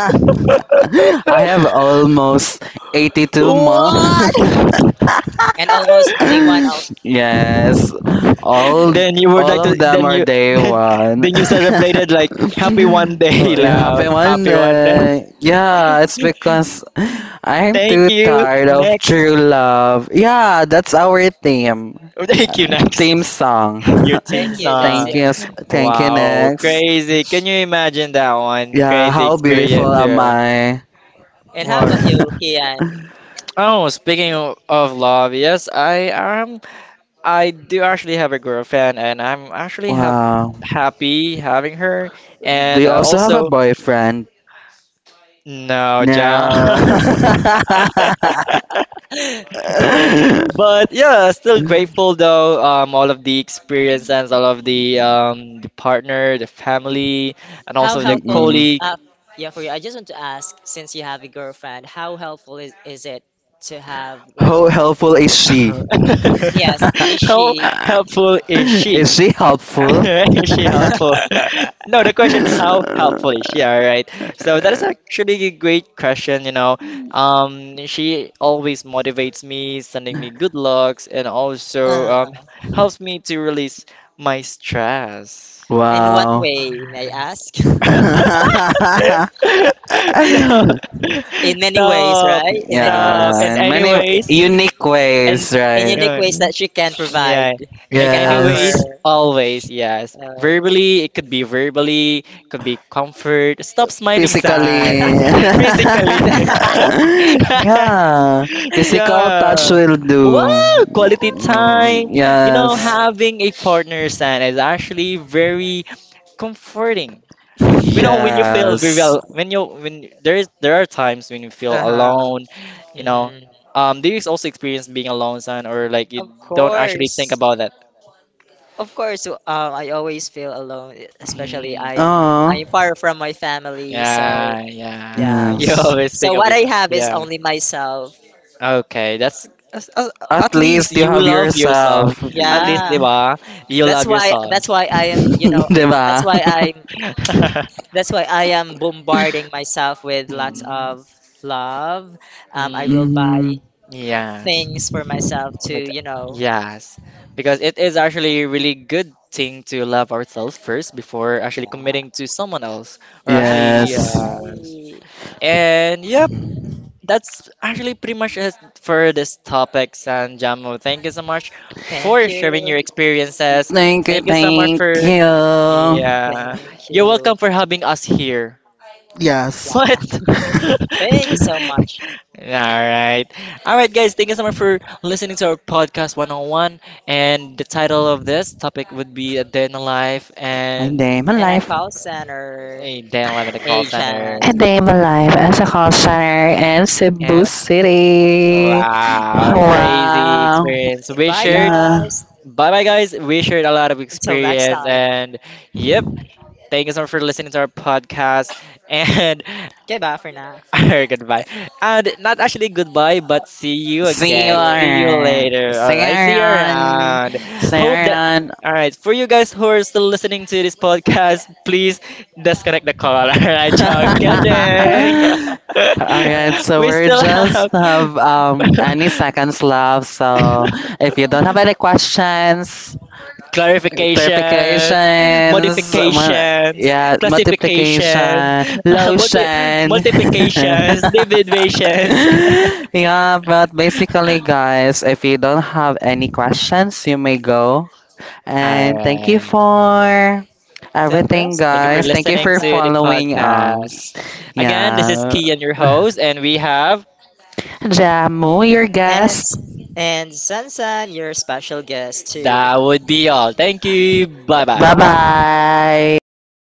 Speaker 2: I have almost 82 months.
Speaker 1: What?
Speaker 3: and almost day one also.
Speaker 2: Yes, all
Speaker 3: Thank
Speaker 1: Then you would
Speaker 2: all
Speaker 1: like to
Speaker 2: of them are day
Speaker 1: then
Speaker 2: one.
Speaker 1: then you celebrated like happy one day,
Speaker 2: No, Happy
Speaker 1: love. Happy one day.
Speaker 2: Monday. Yeah, it's because I'm
Speaker 1: Thank
Speaker 2: too
Speaker 1: you.
Speaker 2: tired of true
Speaker 1: Next.
Speaker 2: love. Yeah, that's our theme. Uh,
Speaker 1: Thank you.
Speaker 2: theme
Speaker 1: Next.
Speaker 2: song.
Speaker 1: Your team
Speaker 3: you. That's
Speaker 2: Thank
Speaker 1: song.
Speaker 3: your.
Speaker 2: you. Thank you
Speaker 1: Wow,
Speaker 2: next.
Speaker 1: crazy. Can you imagine that one?
Speaker 2: Yeah,
Speaker 1: Crazy
Speaker 2: how beautiful
Speaker 1: experience
Speaker 2: am
Speaker 1: here.
Speaker 2: I?
Speaker 3: And how
Speaker 1: Wow.
Speaker 3: about you, Kian?
Speaker 1: Oh, speaking of love, yes, I am. I do actually have a girlfriend, and I'm actually ha
Speaker 2: Wow.
Speaker 1: happy having her.
Speaker 2: Do
Speaker 1: And
Speaker 2: you also have a
Speaker 1: also,
Speaker 2: boyfriend?
Speaker 1: no, John.
Speaker 2: No.
Speaker 1: But yeah, still grateful though. All of the experience, and all of the partner, the
Speaker 3: Mhm.
Speaker 1: family, and
Speaker 3: How
Speaker 1: also the
Speaker 3: helpful?
Speaker 2: Mm-mm.
Speaker 1: colleague.
Speaker 3: Uh, yeah, for you. I just want to ask, since you have a girlfriend, how helpful is it to have like?
Speaker 2: How helpful is she?
Speaker 3: Yes, is
Speaker 1: How
Speaker 3: she?
Speaker 1: helpful is she?
Speaker 2: Is she helpful?
Speaker 1: Is she helpful? No, the question, how helpful is she? All right. So that is actually a great question. She always motivates me, sending me good looks, and also
Speaker 3: Uh,
Speaker 1: helps me to release my stress.
Speaker 3: in what
Speaker 2: Wow.
Speaker 3: way, may I ask?
Speaker 1: No,
Speaker 3: In many ways,
Speaker 1: stop,
Speaker 3: right? In many
Speaker 1: stop.
Speaker 2: yeah,
Speaker 1: And
Speaker 3: ways.
Speaker 2: and many
Speaker 1: anyways,
Speaker 2: unique
Speaker 1: and
Speaker 2: ways,
Speaker 3: In
Speaker 2: right?
Speaker 3: unique
Speaker 1: yeah.
Speaker 3: ways that she can
Speaker 1: Yeah.
Speaker 3: provide. She
Speaker 1: And
Speaker 3: can
Speaker 2: Yes.
Speaker 3: offer.
Speaker 1: anyways, always, yes.
Speaker 3: Uh,
Speaker 1: Verbally, it could be verbally, could be comfort. Stop smiling, son.
Speaker 2: Physically.
Speaker 1: Physically.
Speaker 2: yeah, physical touch
Speaker 1: Yeah.
Speaker 2: will do.
Speaker 1: Wow, quality time.
Speaker 2: Yes,
Speaker 3: uh,
Speaker 1: Having a partner, son, is actually very comforting. When you feel very
Speaker 2: yes.
Speaker 1: well, when there are times when you feel
Speaker 3: uh-huh.
Speaker 1: alone, you know.
Speaker 3: Hmm.
Speaker 1: Do you also experience being alone, son, or like you
Speaker 3: Of
Speaker 1: don't actually think
Speaker 3: course.
Speaker 1: about that?
Speaker 3: Of course, I always feel alone, especially
Speaker 1: Mm,
Speaker 3: I'm
Speaker 2: Oh,
Speaker 3: I'm far from my family, so
Speaker 1: yeah, yeah.
Speaker 3: yeah.
Speaker 1: You
Speaker 2: yes.
Speaker 1: always
Speaker 3: So
Speaker 1: think of
Speaker 3: what
Speaker 1: your,
Speaker 3: I have is
Speaker 1: yeah.
Speaker 3: only myself.
Speaker 1: Okay, that's,
Speaker 2: At
Speaker 1: at least
Speaker 2: least you
Speaker 1: you
Speaker 2: have
Speaker 1: love yourself.
Speaker 2: yourself.
Speaker 1: At least, di
Speaker 3: Yeah.
Speaker 1: ba? You
Speaker 3: That's
Speaker 1: love
Speaker 3: why
Speaker 1: yourself.
Speaker 3: that's why I am, you know, that's
Speaker 2: diba?
Speaker 3: why I'm, that's why I am bombarding myself with lots
Speaker 1: Mm,
Speaker 3: of love. I
Speaker 1: mm.
Speaker 3: will
Speaker 2: Mhm.
Speaker 3: buy
Speaker 1: Yes.
Speaker 3: things for myself to,
Speaker 1: With-
Speaker 3: you know,
Speaker 1: yes. Because it is actually a really good thing to love ourselves first before actually
Speaker 3: yeah,
Speaker 1: committing to someone else, or
Speaker 3: yeah,
Speaker 1: actually
Speaker 2: Yes.
Speaker 1: yes.
Speaker 3: right.
Speaker 1: And yep, that's actually pretty much it for this topic, San, Jamo. Thank you so much
Speaker 3: Thank
Speaker 1: for sharing
Speaker 3: you,
Speaker 1: your experiences.
Speaker 2: Thank you,
Speaker 1: Thank you so much
Speaker 2: thank
Speaker 1: for,
Speaker 2: you.
Speaker 1: yeah.
Speaker 3: thank
Speaker 1: You're
Speaker 3: you,
Speaker 1: welcome for having us here.
Speaker 2: Yes.
Speaker 3: yeah,
Speaker 1: What?
Speaker 3: thank you
Speaker 1: All
Speaker 3: so much.
Speaker 1: right. All right, guys. Thank you so much for listening to our podcast One on One. And the title of this topic would be A Day in the Life,
Speaker 2: I'm
Speaker 1: and
Speaker 2: my
Speaker 3: And I
Speaker 2: life.
Speaker 3: call center
Speaker 1: A Day in the Life in the Call Center.
Speaker 3: agent.
Speaker 2: And I am alive as
Speaker 1: Uh,
Speaker 2: a call center in Cebu
Speaker 1: and
Speaker 2: City.
Speaker 3: All
Speaker 1: wow, crazy
Speaker 3: right,
Speaker 2: Wow.
Speaker 1: experience. We
Speaker 3: bye
Speaker 1: shared,
Speaker 2: Yeah.
Speaker 3: guys.
Speaker 1: bye bye, guys. We shared a lot of
Speaker 3: Until next
Speaker 1: experience.
Speaker 3: time.
Speaker 1: And yep, thank you so much for listening to our podcast. And
Speaker 3: Goodbye for now.
Speaker 1: or goodbye. And not actually goodbye, but see you
Speaker 2: See you
Speaker 3: See
Speaker 1: again. See you
Speaker 3: you.
Speaker 2: around.
Speaker 1: later.
Speaker 2: See
Speaker 1: All
Speaker 2: you
Speaker 1: right. See you
Speaker 2: around.
Speaker 1: around.
Speaker 2: See you
Speaker 1: Hope that.
Speaker 2: around.
Speaker 1: All right. For you guys who are still listening to this podcast, please disconnect the call. All right. Joke. Kidding.
Speaker 3: All
Speaker 2: Alright,
Speaker 3: right,
Speaker 2: so
Speaker 1: We
Speaker 2: we're
Speaker 1: still
Speaker 2: just
Speaker 1: have
Speaker 2: have any seconds left. So if you don't have any questions,
Speaker 1: clarifications,
Speaker 2: clarifications,
Speaker 1: modifications,
Speaker 2: yeah,
Speaker 1: classifications,
Speaker 2: multiplication,
Speaker 1: multi-
Speaker 2: lotion.
Speaker 1: multiplications, divisions.
Speaker 2: yeah, but basically, guys, if you don't have any questions, you may go.
Speaker 1: All
Speaker 2: And thank you
Speaker 1: right.
Speaker 2: for
Speaker 3: the
Speaker 2: everything,
Speaker 3: best
Speaker 1: Thank you for
Speaker 3: part
Speaker 2: guys.
Speaker 3: of
Speaker 2: Thank you
Speaker 3: my
Speaker 1: listening
Speaker 2: for
Speaker 1: to
Speaker 3: life.
Speaker 1: the
Speaker 2: following us.
Speaker 1: podcast. Again, this is
Speaker 2: Yeah.
Speaker 1: Kian, your host, and we have,
Speaker 2: Jamu, your
Speaker 3: And
Speaker 2: guest.
Speaker 3: and Sansan, your special guest too.
Speaker 1: that would be all. Thank you. Bye bye.
Speaker 2: Bye
Speaker 3: Bye bye. Bye.
Speaker 2: bye.